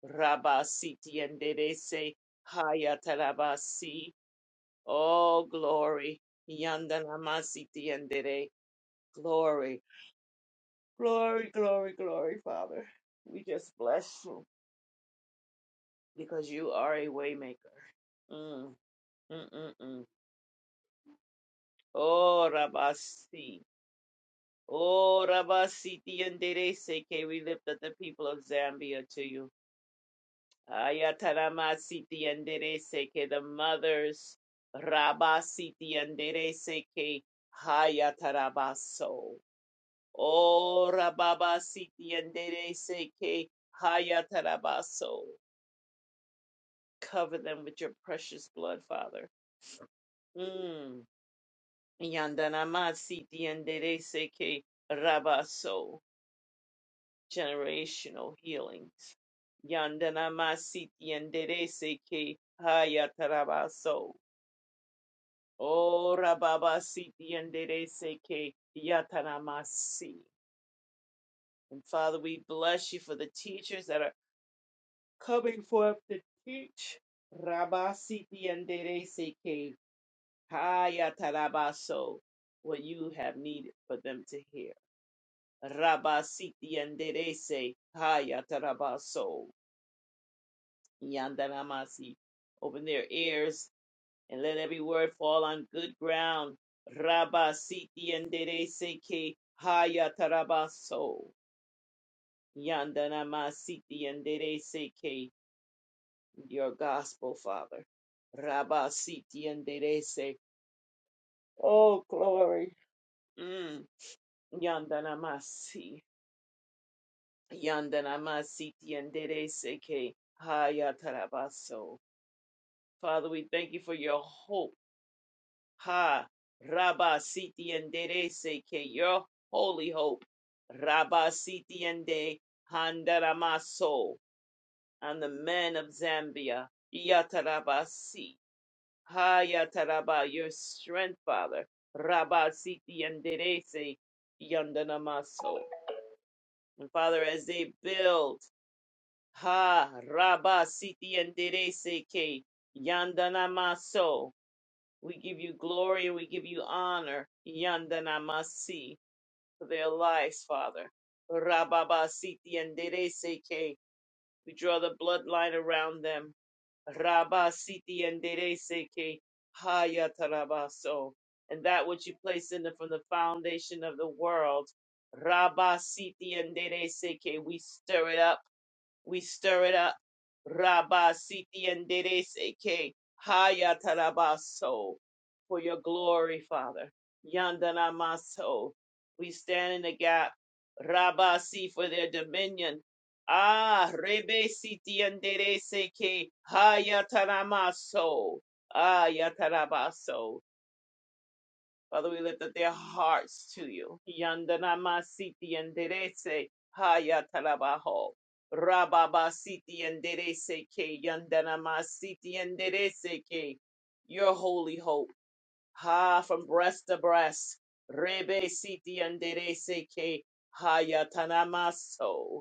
[SPEAKER 5] Rabasiti enderece hayatarabasi. Oh, glory. Yandanamasiti endere. Glory, glory, glory, glory, Father. We just bless you because you are a waymaker. Mm, mm, mm, mm. Oh, Rabasi. Oh, Rabasi, Tienderese, que we lift up the people of Zambia to you. Ayatarabasi, Tienderese, que the mothers, Rabasi, Tienderese, que Hayatarabaso. Oh, Rababasi, Tienderese, que Hayatarabaso. Cover them with your precious blood, Father. Mm. Yandanamasi, Tienderese, que Rabaso. generational healings. Yandana masiti ke seke hayatarabaso. Oh, rababa siti yandere seke yataramasi. And Father, we bless you for the teachers that are coming forth to teach. Rabasiti yandere seke hayatarabaso. What you have needed for them to hear. Rabasiti yandere se hayatarabaso. Yandanamasi. Open their ears and let every word fall on good ground. Rabba siti endere seke haya tarabaso. Yandanama siti endere seke. Your gospel, Father. Rabba siti endere se. Oh, glory. Mm. Yandanamasi. Yandanama siti endere seke haya tarabaso. Father, we thank you for your hope Ha Rabba Siti Enderece ke your holy hope Rabba Siti Ende Handaramaso and the men of Zambia Yatarabasi Ha Yataraba your strength Father Rabba Siti Enderece Yandanamaso and Father as they build Ha Rabba Siti Enderece ke Yandanamaso we give you glory and we give you honor. Yandanamasi for their lives, Father. Rababasiti and Dereseke. We draw the bloodline around them. Rabasiti and Dereseke. Hayatarabaso. And that which you placed in them from the foundation of the world. Rabasiti and Dereseke. We stir it up. We stir it up. Rabba Siti and Seke Haya Tarabaso for your glory, Father. Yandana Maso. We stand in the gap. Rabba Si for their dominion. Ah, Rebe Siti and Seke Haya Taramaso. Ah, Yatarabaso. Father, we lift up their hearts to you. Yandanamasiti enderece hayatarabaho. Rababasiti enderece que yandanamasiti enderece ke. your holy hope. Ha from breast to breast. Rebe siti enderece que hayatanamaso.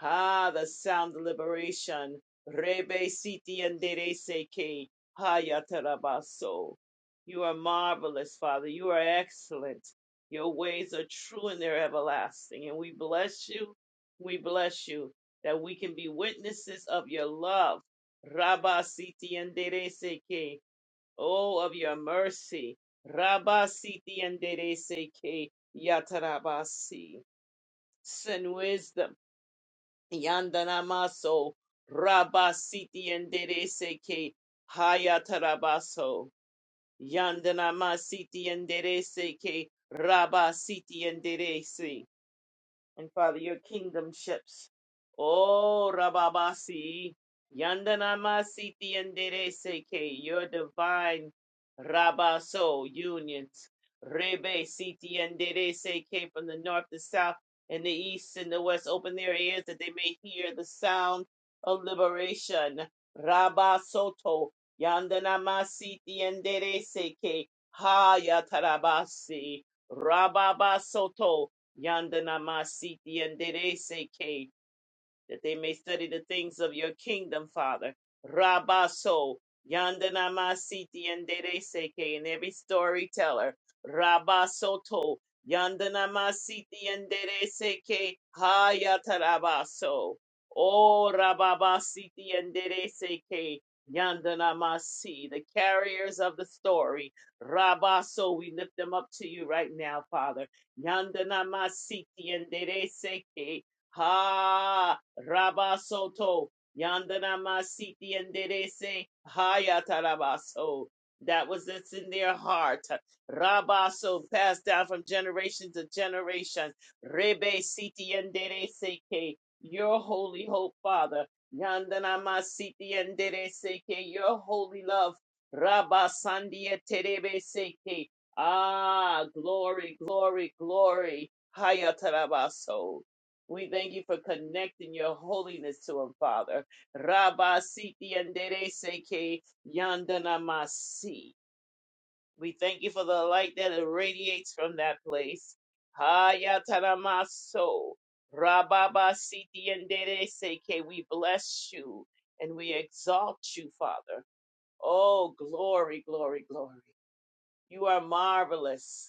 [SPEAKER 5] Ha, the sound of liberation. Rebe siti andere seke. Haya tarabaso. You are marvelous, Father. You are excellent. Your ways are true and they're everlasting. And we bless you. We bless you that we can be witnesses of your love. Rabba siti andere seke. Oh, of your mercy. Rabba siti andere seke. Yatarabasi. Send wisdom. Yandanamaso Rabasiti and Dereseke Hayatarabaso Yandanamasiti and Dereseke Rabasiti and Derese and Father, your kingdom ships. Oh, Rababasi, Yandanama Siti andere Seke, your divine Rabaso unions. Rebe Siti Andere Seke from the north, the south, and the east, and the west. Open their ears that they may hear the sound of liberation. Rabasoto, Yandanama Siti andere Seke, Hayatarabasi, Rababasoto. Yanda namasiti yanderese ke that they may study the things of your kingdom, Father. Rabaso, Yandanamasiti and Dereseke, and every storyteller. Rabasoto, Yandanamasiti and Dereseke, Hayatarabaso. Oh, Rababasiti and Dereseke, Yandanamasi, the carriers of the story. Rabaso, we lift them up to you right now, Father. Yandanamasiti and Dereseke. Ha! Rabasoto Yandana Masiti and Derese Hayatarabaso. That was that's in their heart. Rabaso passed down from generation to generation. Rebe Siti and Derese Ke, your holy hope, Father. Yandana Masiti and Derese Ke, your holy love. Rabasandia Terebe Seke. Ah, glory, glory, glory. Hayatarabaso. We thank you for connecting your holiness to him, Father. Rabba siti andere seke yandana masi. We thank you for the light that irradiates from that place. Hayataramaso. Rababa siti andere seke. We bless you and we exalt you, Father. Oh, glory, glory, glory. You are marvelous.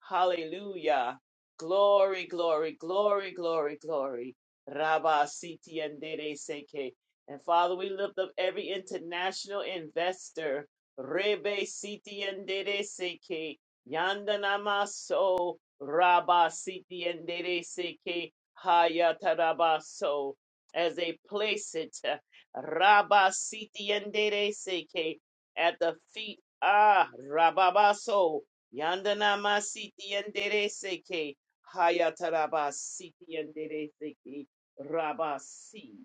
[SPEAKER 5] Hallelujah. Glory, glory, glory, glory, glory. Rabba Siti and Dede Seke. And Father, we lift up every international investor. Rebe Siti and Dede Seke. Yandanama So. Rabba Siti and Dede Seke. Hayataraba So. As they place it. uh, Rabba Siti and Dede Seke. At the feet. Ah, Rabba So. Yandanama siti yendere seke. Hayataraba siti yendere seke. Rabasi.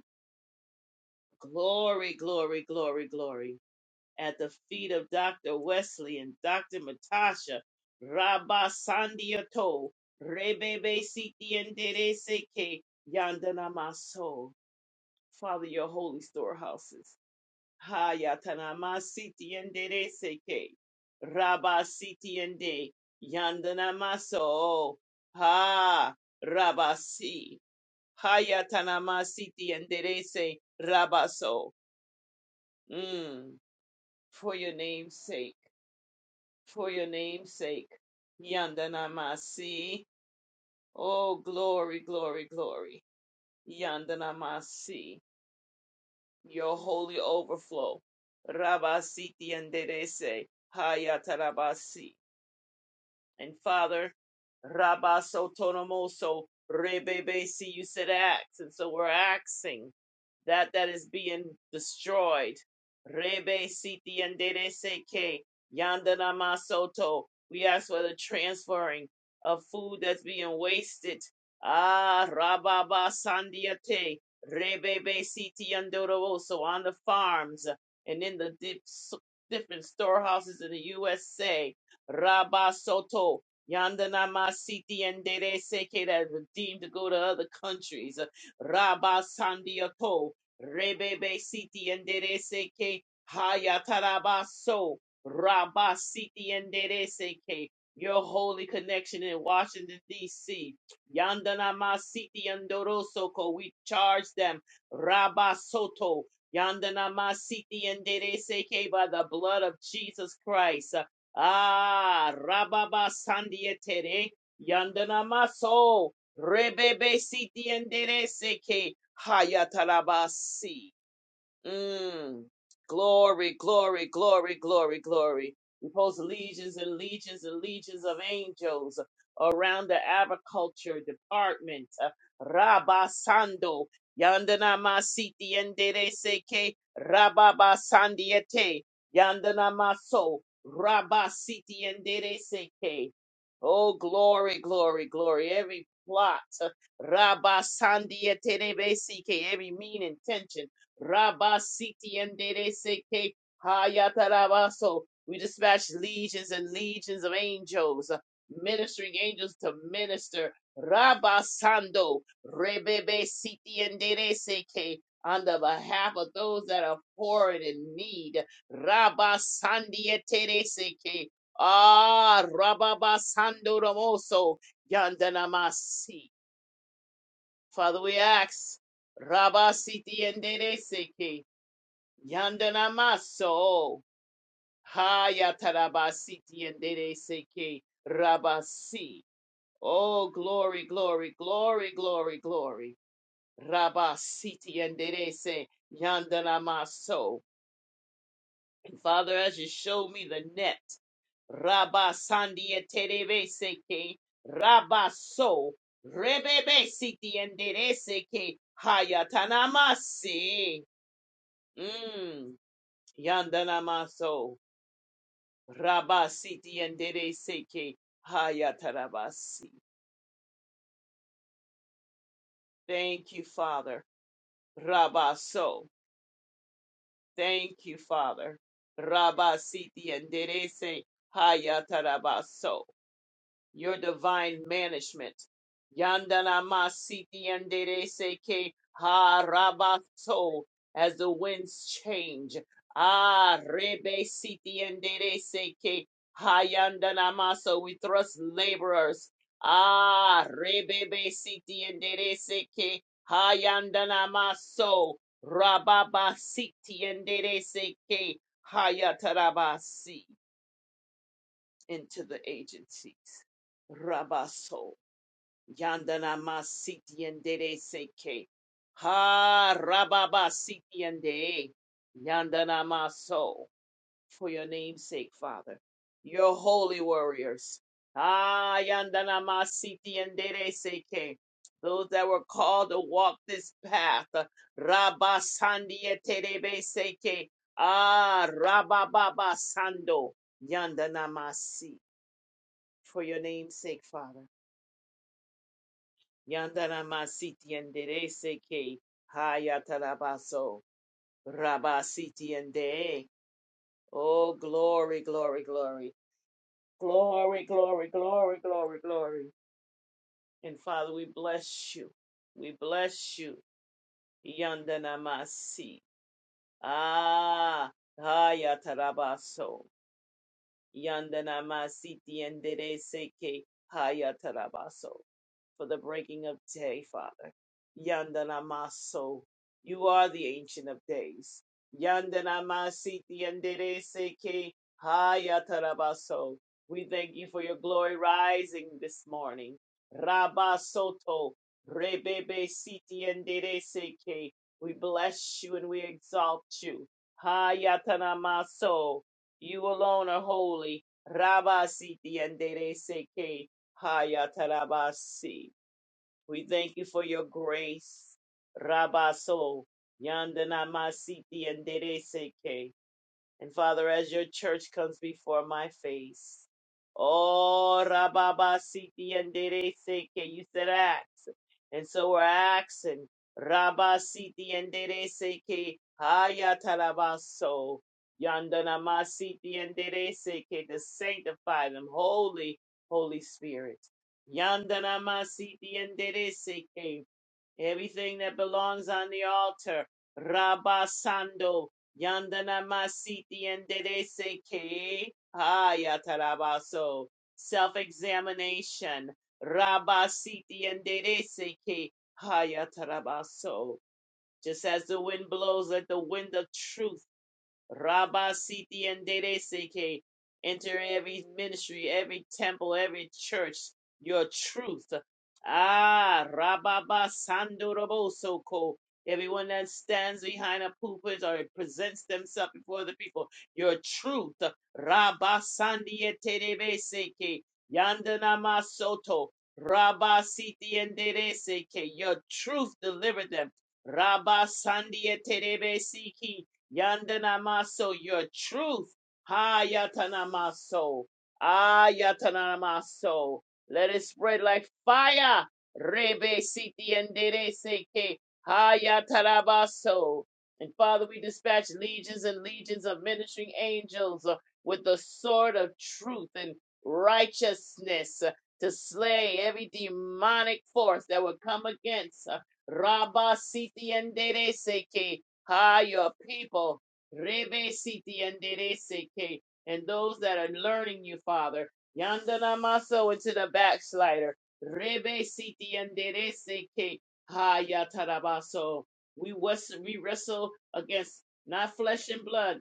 [SPEAKER 5] Glory, glory, glory, glory. At the feet of Dr. Wesley and Dr. Matasha. Rabba Sandiato. Rebebe siti yendere seke. Yandanama so. Father, your holy storehouses. Hayatanama siti endere seke. Raba sitiende. Yandanamaso. Ha. Rabasi. Hayatanama siti endere se. Rabaso. Mm. For your name's sake. For your name's sake. Yandanamasi. Oh, glory, glory, glory. Yandanamasi. your holy overflow. Rabasiti and Derese, Hayatarabasi. And Father, Rabaso Tonomoso, Rebebesi, you said ax, and so we're axing that that is being destroyed. Rebe siti andere seke yandana masoto. We ask for the transferring of food that's being wasted. Ah, rababa sandiate. Rebebe siti yandorobo. So on the farms and in the dip, so, different storehouses in the USA. Rabba soto. Yandana and dere seke that is deemed to go to other countries. Rabba sandiato. Rebebe siti enderece que hayatarabaso raba siti enderece que your holy connection in Washington D.C. Yandanama siti andoroso ko we charge them raba soto yandanama siti enderece que by the blood of Jesus Christ ah rababa sandiatere yandanama so Rebebe siti enderese ke hayatalabasi. Mm. Glory, glory, glory, glory, glory. We post legions and legions and legions of angels around the agriculture department. Uh, Rabasando. Yandana masiti endere seke rababasandiete. Yandana maso rabasiti endere seke. Oh, glory, glory, glory. Every plot. uh, Rabasandiete rebesike. Every mean intention Rabasiti and Dede Seke Hayatarabaso. We dispatch legions and legions of angels, uh, ministering angels to minister. Rabasando Rebebe Siti and Dede Seke. On the behalf of those that are poor and in need. Rabasandi et Dede Seke. Ah, Rababasando Ramoso. Yandanamasi. Father, we ask. Rabasiti and Dede Seke. Yandanamaso. Hayatarabasiti and Dede Seke Rabasi. Oh, glory, glory, glory, glory, glory. Rabasiti and Dede Se Yandanamaso. And Father, as you show me the net, Rabasandi and Terebe Seke Rabaso. Rebebe Siti and Dede Seke Hayatanamasi. Mm. Yandanamaso. Rabasiti and Dede Seke Hayatarabasi. Thank you, Father. Rabaso. Thank you, Father. Rabasiti and Dede Se Hayatarabaso. your divine management. Yandanama siti yandere seke harabato as the winds change. Ah, rebe siti yandere seke hayandanama. So we thrust laborers. Ah, rebebe siti yandere seke hayandanama. So rababa siti yandere seke hayatarabasi into the agencies. Rabaso yandana Masiti andere seke ha rababa siti ande. yandana maso for your name's sake, Father, your holy warriors. Ah yandana Masiti andere seke those that were called to walk this path. Rabasandi Rabasandieterebe seke ah rabababa sando yandana masi for your name's sake, Father. Yandana masiti enderece que hayatarabaso rabasiti ende. Oh, glory, glory, glory, glory, glory, glory, glory, glory. And Father, we bless you. We bless you. Yandana masi. Ah, hayatarabaso. Yandana masiti enderece que hayatarabaso. for the breaking of day, Father. Yandanamaso. You are the ancient of days. Yandanamasiti yandereseke hayatarabaso. We thank you for your glory rising this morning. Rabasoto rebebe siti yandereseke. We bless you and we exalt you. Hayatanamaso. You alone are holy. Rabasiti yandereseke. Hayatarabasi. We thank you for your grace. Rabaso. Yandanamasiti and and Father, as your church comes before my face, oh, Rababa Siti and Dere Seke, you said ask. And so we're asking, Rabba Siti and Dere Seke, Hayatarabaso, Yandanama Siti and Dere Seke, to sanctify them, holy, Holy Spirit. Yandanama Siti and Dere Seke, everything that belongs on the altar, Rabba Sando. Yandana masiti and derese ke. Hayatarabaso. Self-examination. Rabasiti and derese ke. Hayatarabaso. Just as the wind blows, let the wind of truth Rabba Siti and Dede Seke. Enter every ministry, every temple, every church, your truth. Ah, Rababa Sando Roboso Ko. Everyone that stands behind a pulpit or presents themselves before the people, your truth. Rabba Sandiye Terebe Seke. Yandana Masoto. Rabba Siti and Dede Seke. Your truth delivered them. Rabba Sandiye Terebe Yandanamaso, your truth. Hayatanamaso. Ayatanamaso. Let it spread like fire. Rebe siti endere seke. Hayatarabaso. And Father, we dispatch legions and legions of ministering angels uh, with the sword of truth and righteousness uh, to slay every demonic force that would come against. uh, Rabba siti endere seke. Ah, your people, Rebe Siti and Dereseke, and those that are learning you, Father, Yandana Maso into the backslider, Rebe Siti and Dereseke, Ha Yatarabaso. We wes- we wrestle against not flesh and blood,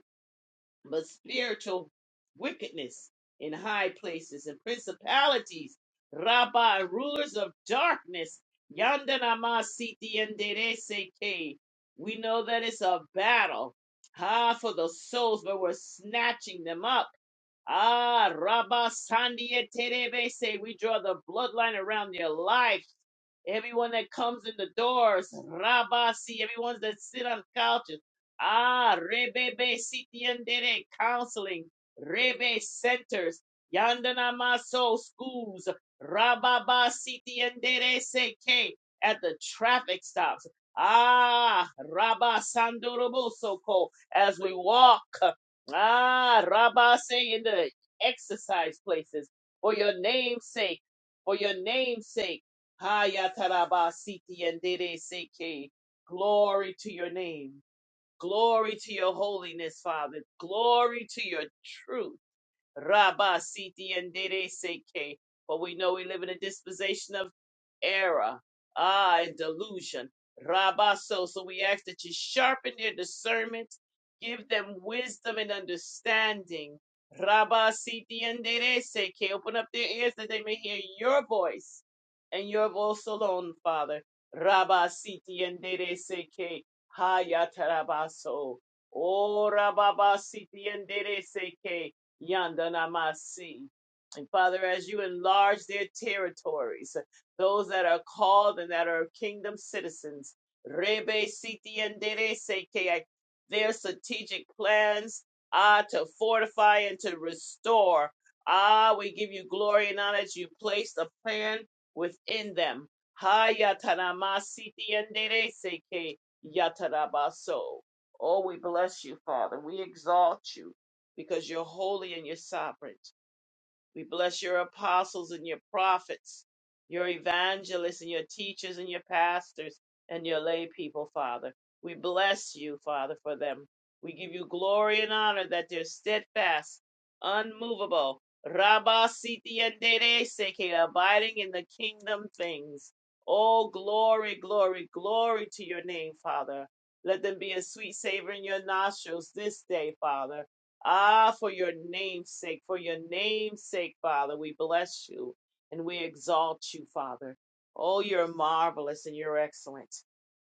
[SPEAKER 5] but spiritual wickedness in high places and principalities, Rabba, rulers of darkness, Yandanama Siti seke. We know that it's a battle, ah, for the souls, but we're snatching them up. Ah, Rabba Sandia terebe. Say we draw the bloodline around their life. Everyone that comes in the doors, Rabasi, everyone that sit on couches, ah, Rebebe Sitiendere counseling, Rebe centers, Yandana Maso schools, Rababa Sitiendere Seke at the traffic stops. Ah, Rabba Sandorobosoko as we walk. Ah, Rabba in the exercise places for your name's sake, for your name's sake. Hayatarabasiti yendere seke. Glory to your name. Glory to your holiness, Father. Glory to your truth. Rabasiti yendere seke. For we know we live in a dispensation of error, ah, and delusion. Rabaso. So so we ask that you sharpen their discernment, give them wisdom and understanding. Rabasiti Rabasitienderese, que open up their ears that they may hear your voice and your voice alone, Father. Rabasiti Rabasitienderese, que hayatarabaso. Oh, rababasitienderese, que yandanamasi. And Father, as you enlarge their territories, those that are called and that are kingdom citizens. Rebe siti endere seke. Their strategic plans ah, to fortify and to restore. Ah, we give you glory and honor that you placed a plan within them. Ha yatarama siti endere seke yatarabaso. Oh, we bless you, Father. We exalt you because you're holy and you're sovereign. We bless your apostles and your prophets, your evangelists and your teachers and your pastors and your lay people, Father. We bless you, Father, for them. We give you glory and honor that they're steadfast, unmovable, Rabba Siti and Dere Seke, abiding in the kingdom things. Oh, glory, glory, glory to your name, Father. Let them be a sweet savor in your nostrils this day, Father. Ah, for your name's sake, for your name's sake, Father, we bless you and we exalt you, Father. Oh, you're marvelous and you're excellent.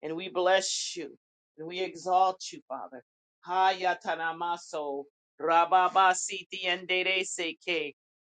[SPEAKER 5] And we bless you and we exalt you, Father. Hayatanamaso Rababa Siti and Dede Seke.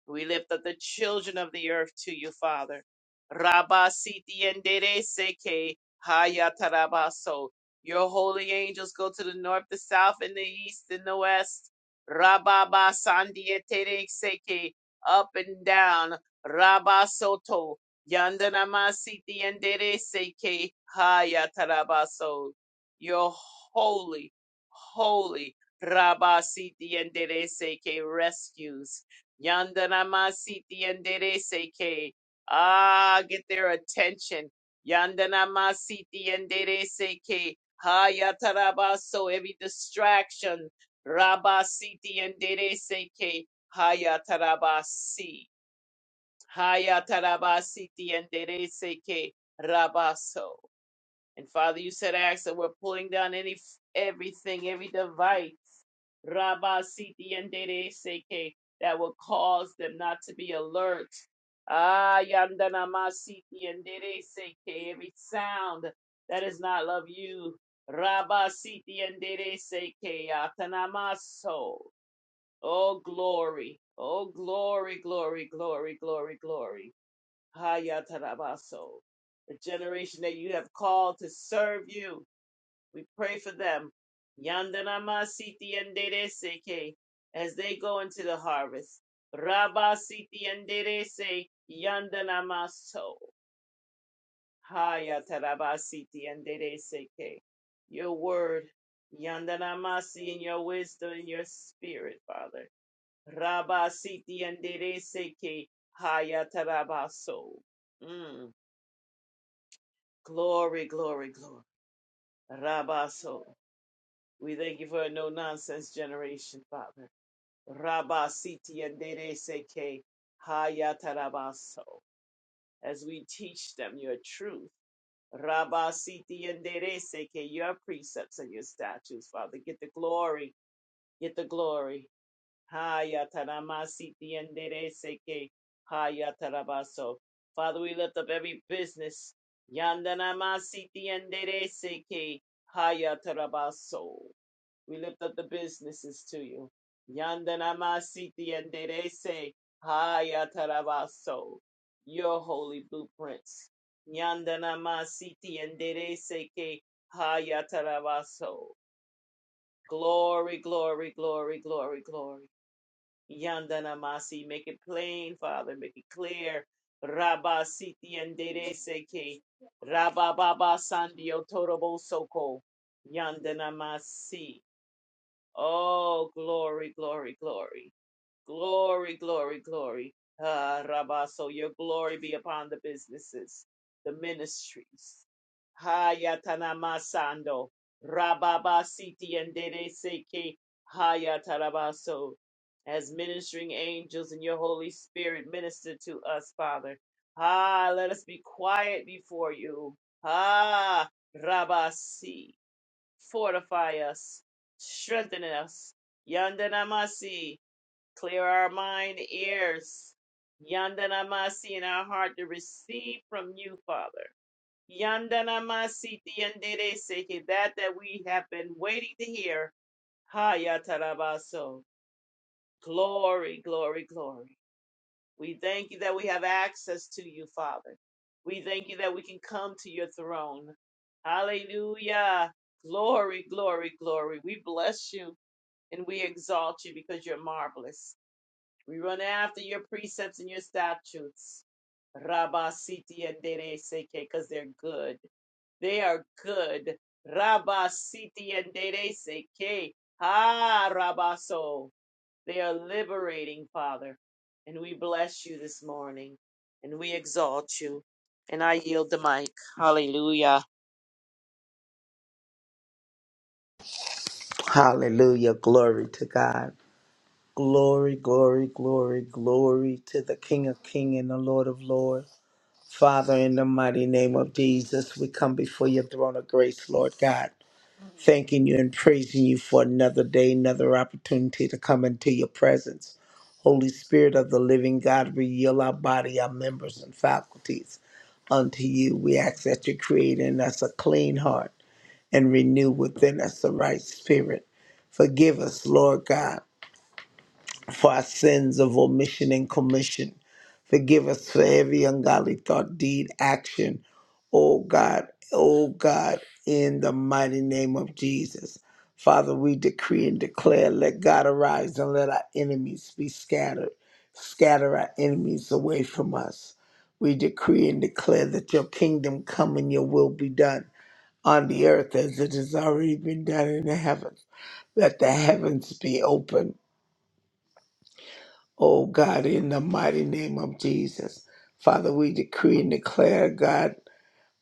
[SPEAKER 5] We lift up the children of the earth to you, Father. Rabasiti Siti and Dede Seke Hayatarabaso. Your holy angels go to the north, the south, and the east, and the west. Rababa Sandia Tere Seke, up and down, Rabba Soto, Yandanama Siti and Dere Seke, Haya Tarabaso. You're holy, holy, Rabba Siti and Dere Seke rescues. Yandanama Siti and Dere Seke, ah, get their attention. Yandanama Siti and Dere Seke, Haya Tarabaso, every distraction. Rabasiti and Dere Seke Hayatarabasi. Hayatarabasiti and Dere Seke Rabaso. And Father, you said, Acts that we're pulling down any everything, every device. Rabasiti and Dere Seke that will cause them not to be alert. Ah, Yandanamasiti and Dere Seke, every sound that is not of you. Rabasiti and Dere Seke Atanamaso. Oh, glory. Oh, glory, glory, glory, glory, glory. Haya Tarabaso. The generation that you have called to serve you. We pray for them. Yandanama Siti and Seke. As they go into the harvest. Rabba Siti and Derese. Yandanama So. Haya Tarabasiti and Seke. Your word. Yandanamasi in your wisdom and your spirit, Father. Rabasiti andereseke hayatarabaso. Mm. Glory, glory, glory. Rabaso. We thank you for a no nonsense generation, Father. Rabasiti andereseke hayatarabaso. As we teach them your truth. Rabasiti andereseke, your precepts and your statutes, Father. Get the glory, get the glory. Hayataramasitiendereseke. Hayatarabaso. Father, we lift up every business. Yandanamasitiendereseke. Hayatarabaso. We lift up the businesses to you. Yandanamasitienderese. Hayatarabaso. Your holy blueprints. Yandanamasitiendereseke. Hayatarabaso. Glory, glory, glory, glory, glory. Yandanamasi, make it plain, Father, make it clear. Rabba Siti and Dere Seke, Rabba Baba Sandio Torobo Soko, Yandana Masi. Oh, glory, glory, glory. Glory, glory, glory. Ah, Rabba, so your glory be upon the businesses, the ministries. Hayatanamasando. Rababa siti and dere seke. Hayatarabaso. As ministering angels in your Holy Spirit minister to us, Father. Ah, let us be quiet before you. Ah, Rabasi. Fortify us. Strengthen us. Yandanamasi. Clear our mind, ears. Yandanamasi in our heart to receive from you, Father. Yandanamasi tiyandereseke, that that we have been waiting to hear. Hayatarabaso. Glory, glory, glory. We thank you that we have access to you, Father. We thank you that we can come to your throne. Hallelujah. Glory, glory, glory. We bless you and we exalt you because you're marvelous. We run after your precepts and your statutes. Rabba Siti and Dere Seke, because they're good. They are good. Rabba Siti and Dere Seke. Ha Rabaso. They are liberating, Father. And we bless you this morning. And we exalt you. And I yield the mic. Hallelujah.
[SPEAKER 2] Hallelujah. Glory to God. Glory, glory, glory, glory to the King of Kings and the Lord of Lords. Father, in the mighty name of Jesus, we come before your throne of grace, Lord God. thanking you and praising you for another day, another opportunity to come into your presence. Holy Spirit of the living God, we yield our body, our members, and faculties unto you. We ask that you create in us a clean heart and renew within us the right spirit. Forgive us, Lord God for our sins of omission and commission. Forgive us for every ungodly thought, deed, action. Oh God, oh God, in the mighty name of Jesus. Father, we decree and declare, let God arise and let our enemies be scattered. Scatter our enemies away from us. We decree and declare that your kingdom come and your will be done on the earth as it has already been done in the heavens. Let the heavens be open Oh God, in the mighty name of Jesus. Father, we decree and declare, God,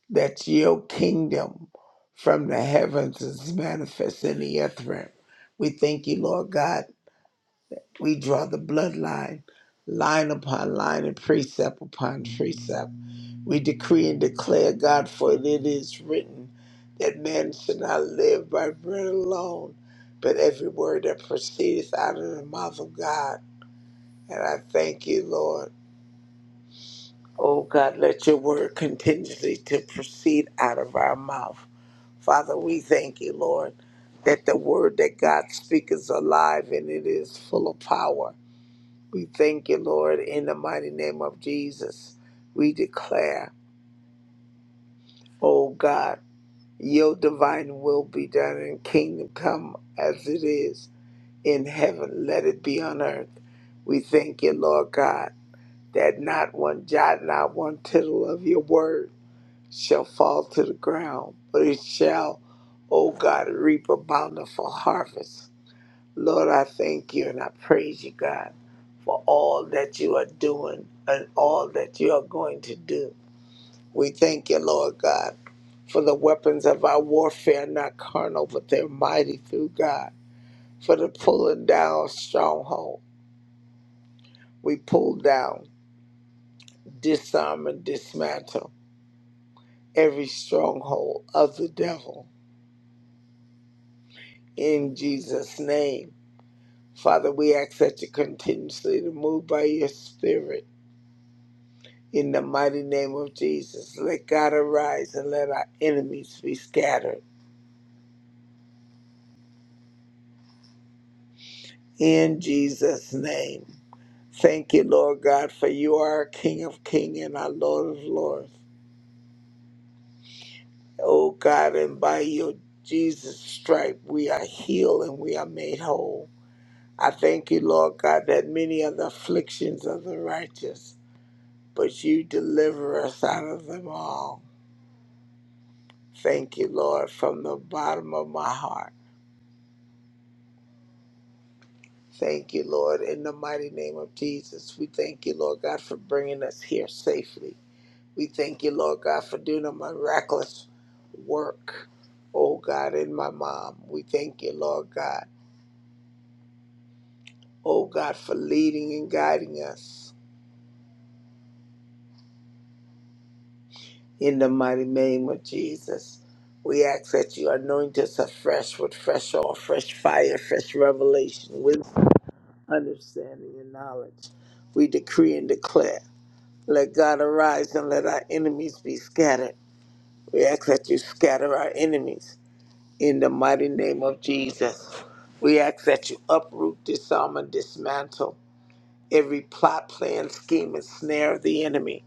[SPEAKER 2] that your kingdom from the heavens is manifest in the earth realm. We thank you, Lord God. We draw the bloodline, line upon line, and precept upon precept. We decree and declare, God, for it is written that man should not live by bread alone, but every word that proceedeth out of the mouth of God. And I thank you, Lord. Oh God, let your word continually to proceed out of our mouth. Father, we thank you, Lord, that the word that God speaks is alive and it is full of power. We thank you, Lord, in the mighty name of Jesus. We declare, oh God, your divine will be done and kingdom come as it is in heaven. Let it be on earth. We thank you, Lord God, that not one jot, not one tittle of your word shall fall to the ground, but it shall, O God, reap a bountiful harvest. Lord, I thank you and I praise you, God, for all that you are doing and all that you are going to do. We thank you, Lord God, for the weapons of our warfare, not carnal, but they're mighty through God, for the pulling down of stronghold. We pull down, disarm, and dismantle every stronghold of the devil in Jesus' name. Father, we ask that you continuously to move by your spirit. In the mighty name of Jesus, let God arise and let our enemies be scattered. In Jesus' name. Thank you, Lord God, for you are King of King and our Lord of Lords. Oh God, and by your Jesus stripe we are healed and we are made whole. I thank you, Lord God, that many are the afflictions of the righteous, but you deliver us out of them all. Thank you, Lord, from the bottom of my heart. Thank you, Lord, in the mighty name of Jesus. We thank you, Lord God, for bringing us here safely. We thank you, Lord God, for doing a miraculous work, oh God, in my mom. We thank you, Lord God, oh God, for leading and guiding us in the mighty name of Jesus. We ask that you anoint us afresh with fresh oil, fresh fire, fresh revelation, wisdom understanding, and knowledge. We decree and declare. Let God arise and let our enemies be scattered. We ask that you scatter our enemies in the mighty name of Jesus. We ask that you uproot, disarm, and dismantle every plot, plan, scheme, and snare of the enemy.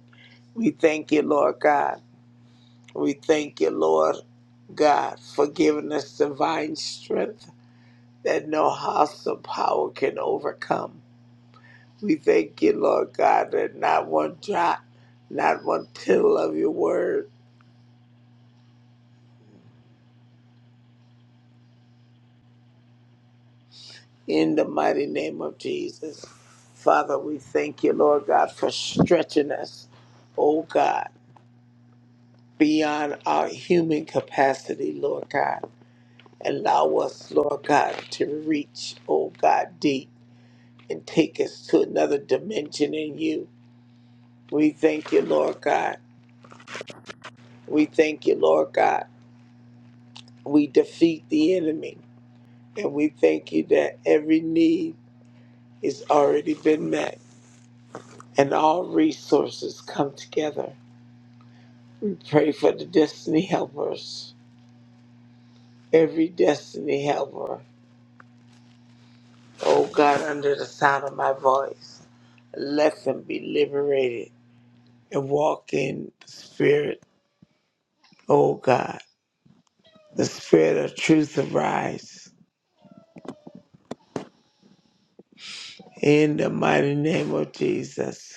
[SPEAKER 2] We thank you, Lord God. We thank you, Lord God, for giving us divine strength that no hostile power can overcome. We thank you, Lord God, that not one jot, not one tittle of your word in the mighty name of Jesus. Father, we thank you, Lord God, for stretching us, oh God, beyond our human capacity, Lord God. Allow us, Lord God, to reach, oh God, deep and take us to another dimension in you. We thank you, Lord God. We thank you, Lord God. We defeat the enemy. And we thank you that every need is already been met and all resources come together. We pray for the destiny helpers, every destiny helper. Oh God, under the sound of my voice, let them be liberated and walk in the spirit. Oh God, the spirit of truth arise in the mighty name of Jesus.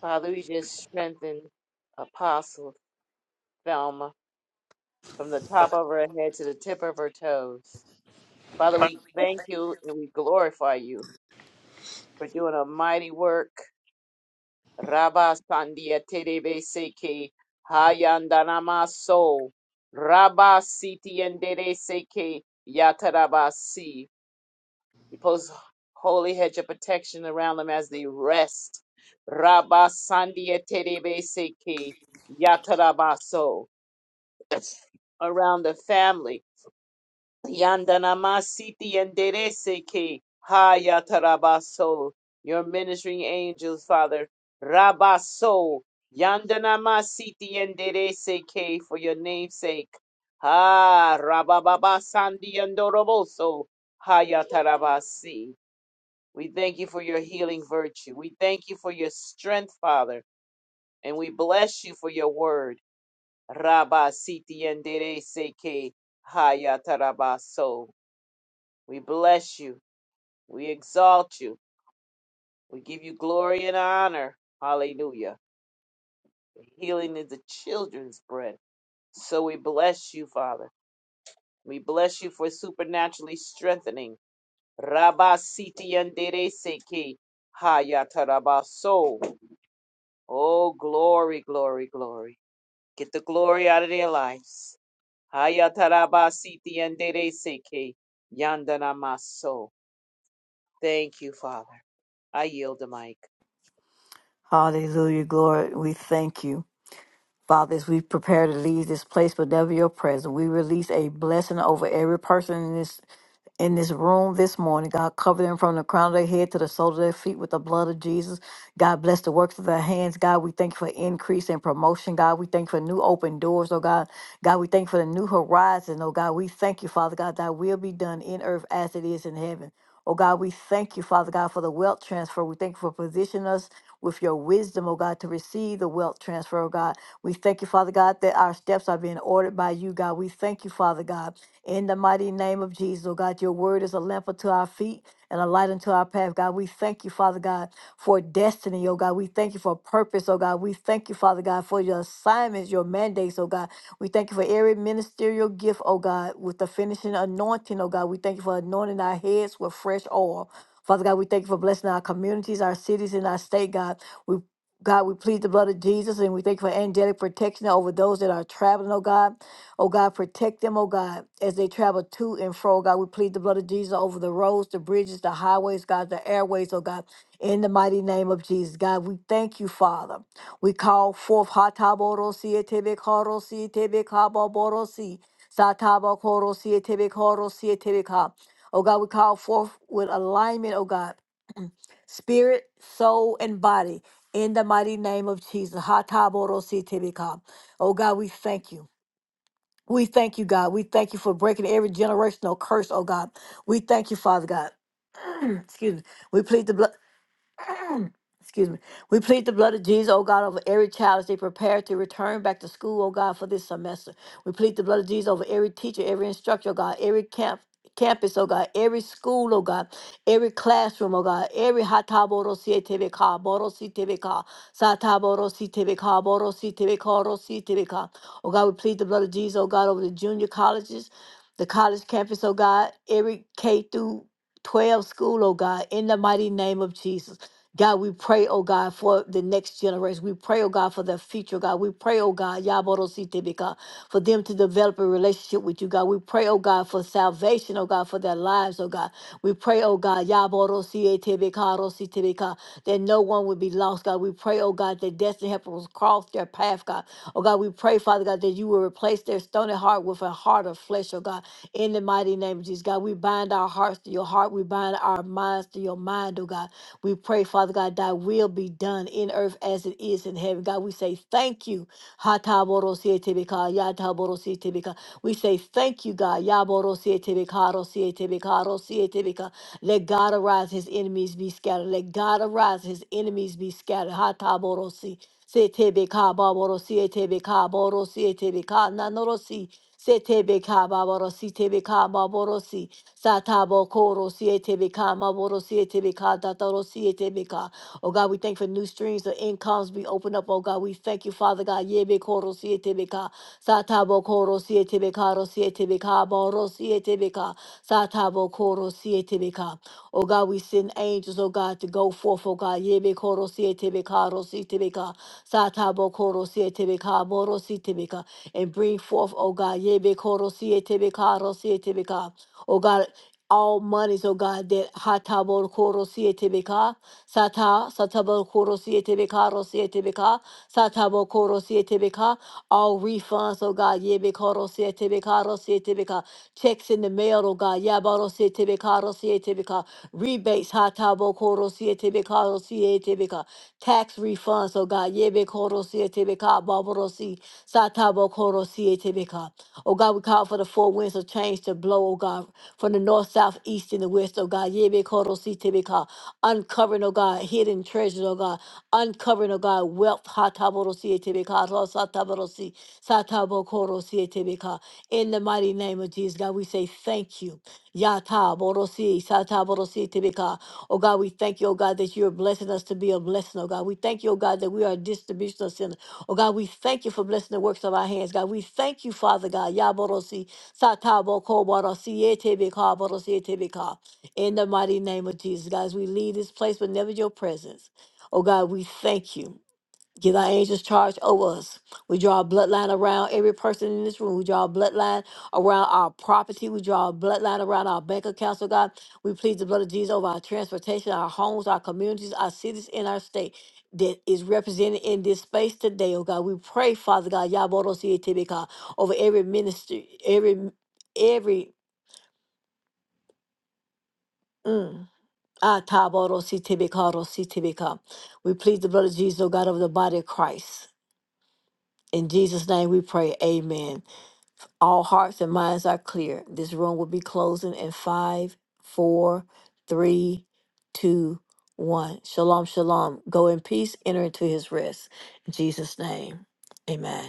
[SPEAKER 5] Father, we just strengthen Apostle Thelma from the top of her head to the tip of her toes. Father, we thank you and we glorify you for doing a mighty work. Rabba Sandia Terebe Seke Hayandanama So Rabba Siti Endere Seke Yatarabasi. We post holy hedge of protection around them as they rest. Rabba Sandia Terebe Seke Yatarabaso around the family. Yandanamasiti yandereseke hayatarabaso. Your ministering angels, Father. Rabaso. Yandanamasiti yandereseke for your name's sake. Ah, Rabababa sandi yandoroboso hayatarabasi. We thank you for your healing virtue. We thank you for your strength, Father. And we bless you for your word. Rabasiti yandereseke hayatarabaso. We bless you. We exalt you. We give you glory and honor. Hallelujah. Healing is the children's bread. So we bless you, Father. We bless you for supernaturally strengthening. Rabba siti yandere seki hayatarabaso. Oh, glory, glory, glory. Get the glory out of their lives. Hayatarabasiti yandere seki yandanamaso. Thank you, Father. I yield the mic.
[SPEAKER 4] Hallelujah, glory. We thank you. Father, as we prepare to leave this place, but never your presence, we release a blessing over every person in this in this room this morning. God, cover them from the crown of their head to the sole of their feet with the blood of Jesus. God, bless the works of their hands. God, we thank you for increase and promotion. God, we thank you for new open doors, oh God. God, we thank you for the new horizon, oh God. We thank you, Father God, that will be done in earth as it is in heaven. Oh God, we thank you, Father God, for the wealth transfer. We thank you for positioning us with your wisdom, oh God, to receive the wealth transfer, oh God. We thank you, Father God, that our steps are being ordered by you, God. We thank you, Father God, in the mighty name of Jesus, oh God. Your word is a lamp unto our feet and a light unto our path, God. We thank you, Father God, for destiny, oh God. We thank you for purpose, oh God. We thank you, Father God, for your assignments, your mandates, oh God. We thank you for every ministerial gift, oh God, with the finishing anointing, oh God. We thank you for anointing our heads with fresh oil. Father God, we thank you for blessing our communities, our cities, and our state, God. We. God, we plead the blood of Jesus and we thank you for angelic protection over those that are traveling, oh God. Oh God, protect them, oh God, as they travel to and fro. oh God, we plead the blood of Jesus over the roads, the bridges, the highways, God, the airways, oh God, in the mighty name of Jesus. God, we thank you, Father. We call forth Hataborosi, Etebekorosi, Etebekaboborosi, Satabakorosi, Etebekorosi, Etebeka. Oh God, we call forth with alignment, oh God spirit, soul, and body. In the mighty name of Jesus. Hataborositibika. Oh God, we thank you. We thank you, God. We thank you for breaking every generational curse, oh God. We thank you, Father God. [clears throat] Excuse me. We plead the blood. [clears throat] Excuse me. We plead the blood of Jesus, oh God, over every child as they prepare to return back to school, oh God, for this semester. We plead the blood of Jesus over every teacher, every instructor, oh God, every camp. Campus, oh God, every school, oh God, every classroom, oh God, every hataboro CTV car, boro CTV ka, sataboro CTV car, boro CTV car, CTV ka. Oh God, we plead the blood of Jesus, oh God, over the junior colleges, the college campus, oh God, every K through 12 school, oh God, in the mighty name of Jesus. God, we pray, oh God, for the next generation. We pray, oh God, for their future, God. We pray, oh God, Yaborositebeka, for them to develop a relationship with you, God. We pray, oh God, for salvation, oh God, for their lives, oh God. We pray, oh God, Yaborosietebeka, Rositebeka, that no one would be lost, God. We pray, oh God, that destiny helpers will cross their path, God. Oh God, we pray, Father God, that you will replace their stony heart with a heart of flesh, oh God. In the mighty name of Jesus, God, we bind our hearts to your heart. We bind our minds to your mind, oh God. We pray, Father God, thy will be done in earth as it is in heaven. God, we say thank you. Hataborosietebeka, yataborosietebeka. We say thank you, God. Yaborosietebeka, rosietebeka, rosietebeka. Let God arise, his enemies be scattered. Let God arise, his enemies be scattered. Hataborosi. STBK Baborosi ETBK Borosi ETBK Nanorosi STBK Baborosi TBK Baborosi Satabo Korosi ETBK Maborosi ETBK Datorosi ETBK Oh God, we thank for new streams of incomes we open up. Oh God, we thank you, Father God. Yebe Korosi ETBK Satabo Korosi ETBK Rosi ETBK Borosi ETBK Satabo Korosi ETBK Oh God, we send angels, oh God, to go forth, oh God. Yebe Korosi ETBK Rosi ETBK Satabo Koro Sietebeka, Moro Sietebeka, and bring forth, O God, Yebe Koro Sietebeka, Ro Sietebeka, O God, all monies, O God, that Hatabo Koro Sietebeka, Sata, satabor Koro Sietebeka, Ro Sietebeka, Satabo Koro Sietebeka, all refunds, O God, Yebe Koro Sietebeka, Ro Sietebeka, checks in the mail, O God, Yabaro Sietebeka, Ro Sietebeka, rebates, hatabo koro siete beka siete beka tax refunds. Oh God, yebe koro siete beka baboro si satabo koro siete beka. Oh God, we call for the four winds of change to blow. Oh God, from the north, south, east, and the west. Oh God, yebe koro siete beka uncovering. Oh God, hidden treasures. Oh God, uncovering. Oh God, wealth. Hatabo siete beka satabo si satabo koro siete beka. In the mighty name of Jesus, God, we say thank you. Yata borosi, sata borosi tibika. Oh God, we thank you, oh God, that you're blessing us to be a blessing, oh God. We thank you, oh God, that we are a distributional center. Oh God, we thank you for blessing the works of our hands, God. We thank you, Father God. Ya borosi, sata boko borosi, ete bika, borosi, ete bika. In the mighty name of Jesus, guys, we leave this place, but never your presence. Oh God, we thank you. Give our angels charge over us. We draw a bloodline around every person in this room. We draw a bloodline around our property. We draw a bloodline around our bank accounts, oh God. We plead the blood of Jesus over our transportation, our homes, our communities, our cities, and our state that is represented in this space today, oh God. We pray, Father God, Yabodo Sietibika, over every ministry, every, every, mm, ah, Tabodo Sietibika, Ro Sietibika. we plead the blood of Jesus, oh God, over the body of Christ. In Jesus' name we pray, amen. All hearts and minds are clear. This room will be closing in five, four, three, two, one. Shalom, shalom. Go in peace, enter into his rest. In Jesus' name, amen.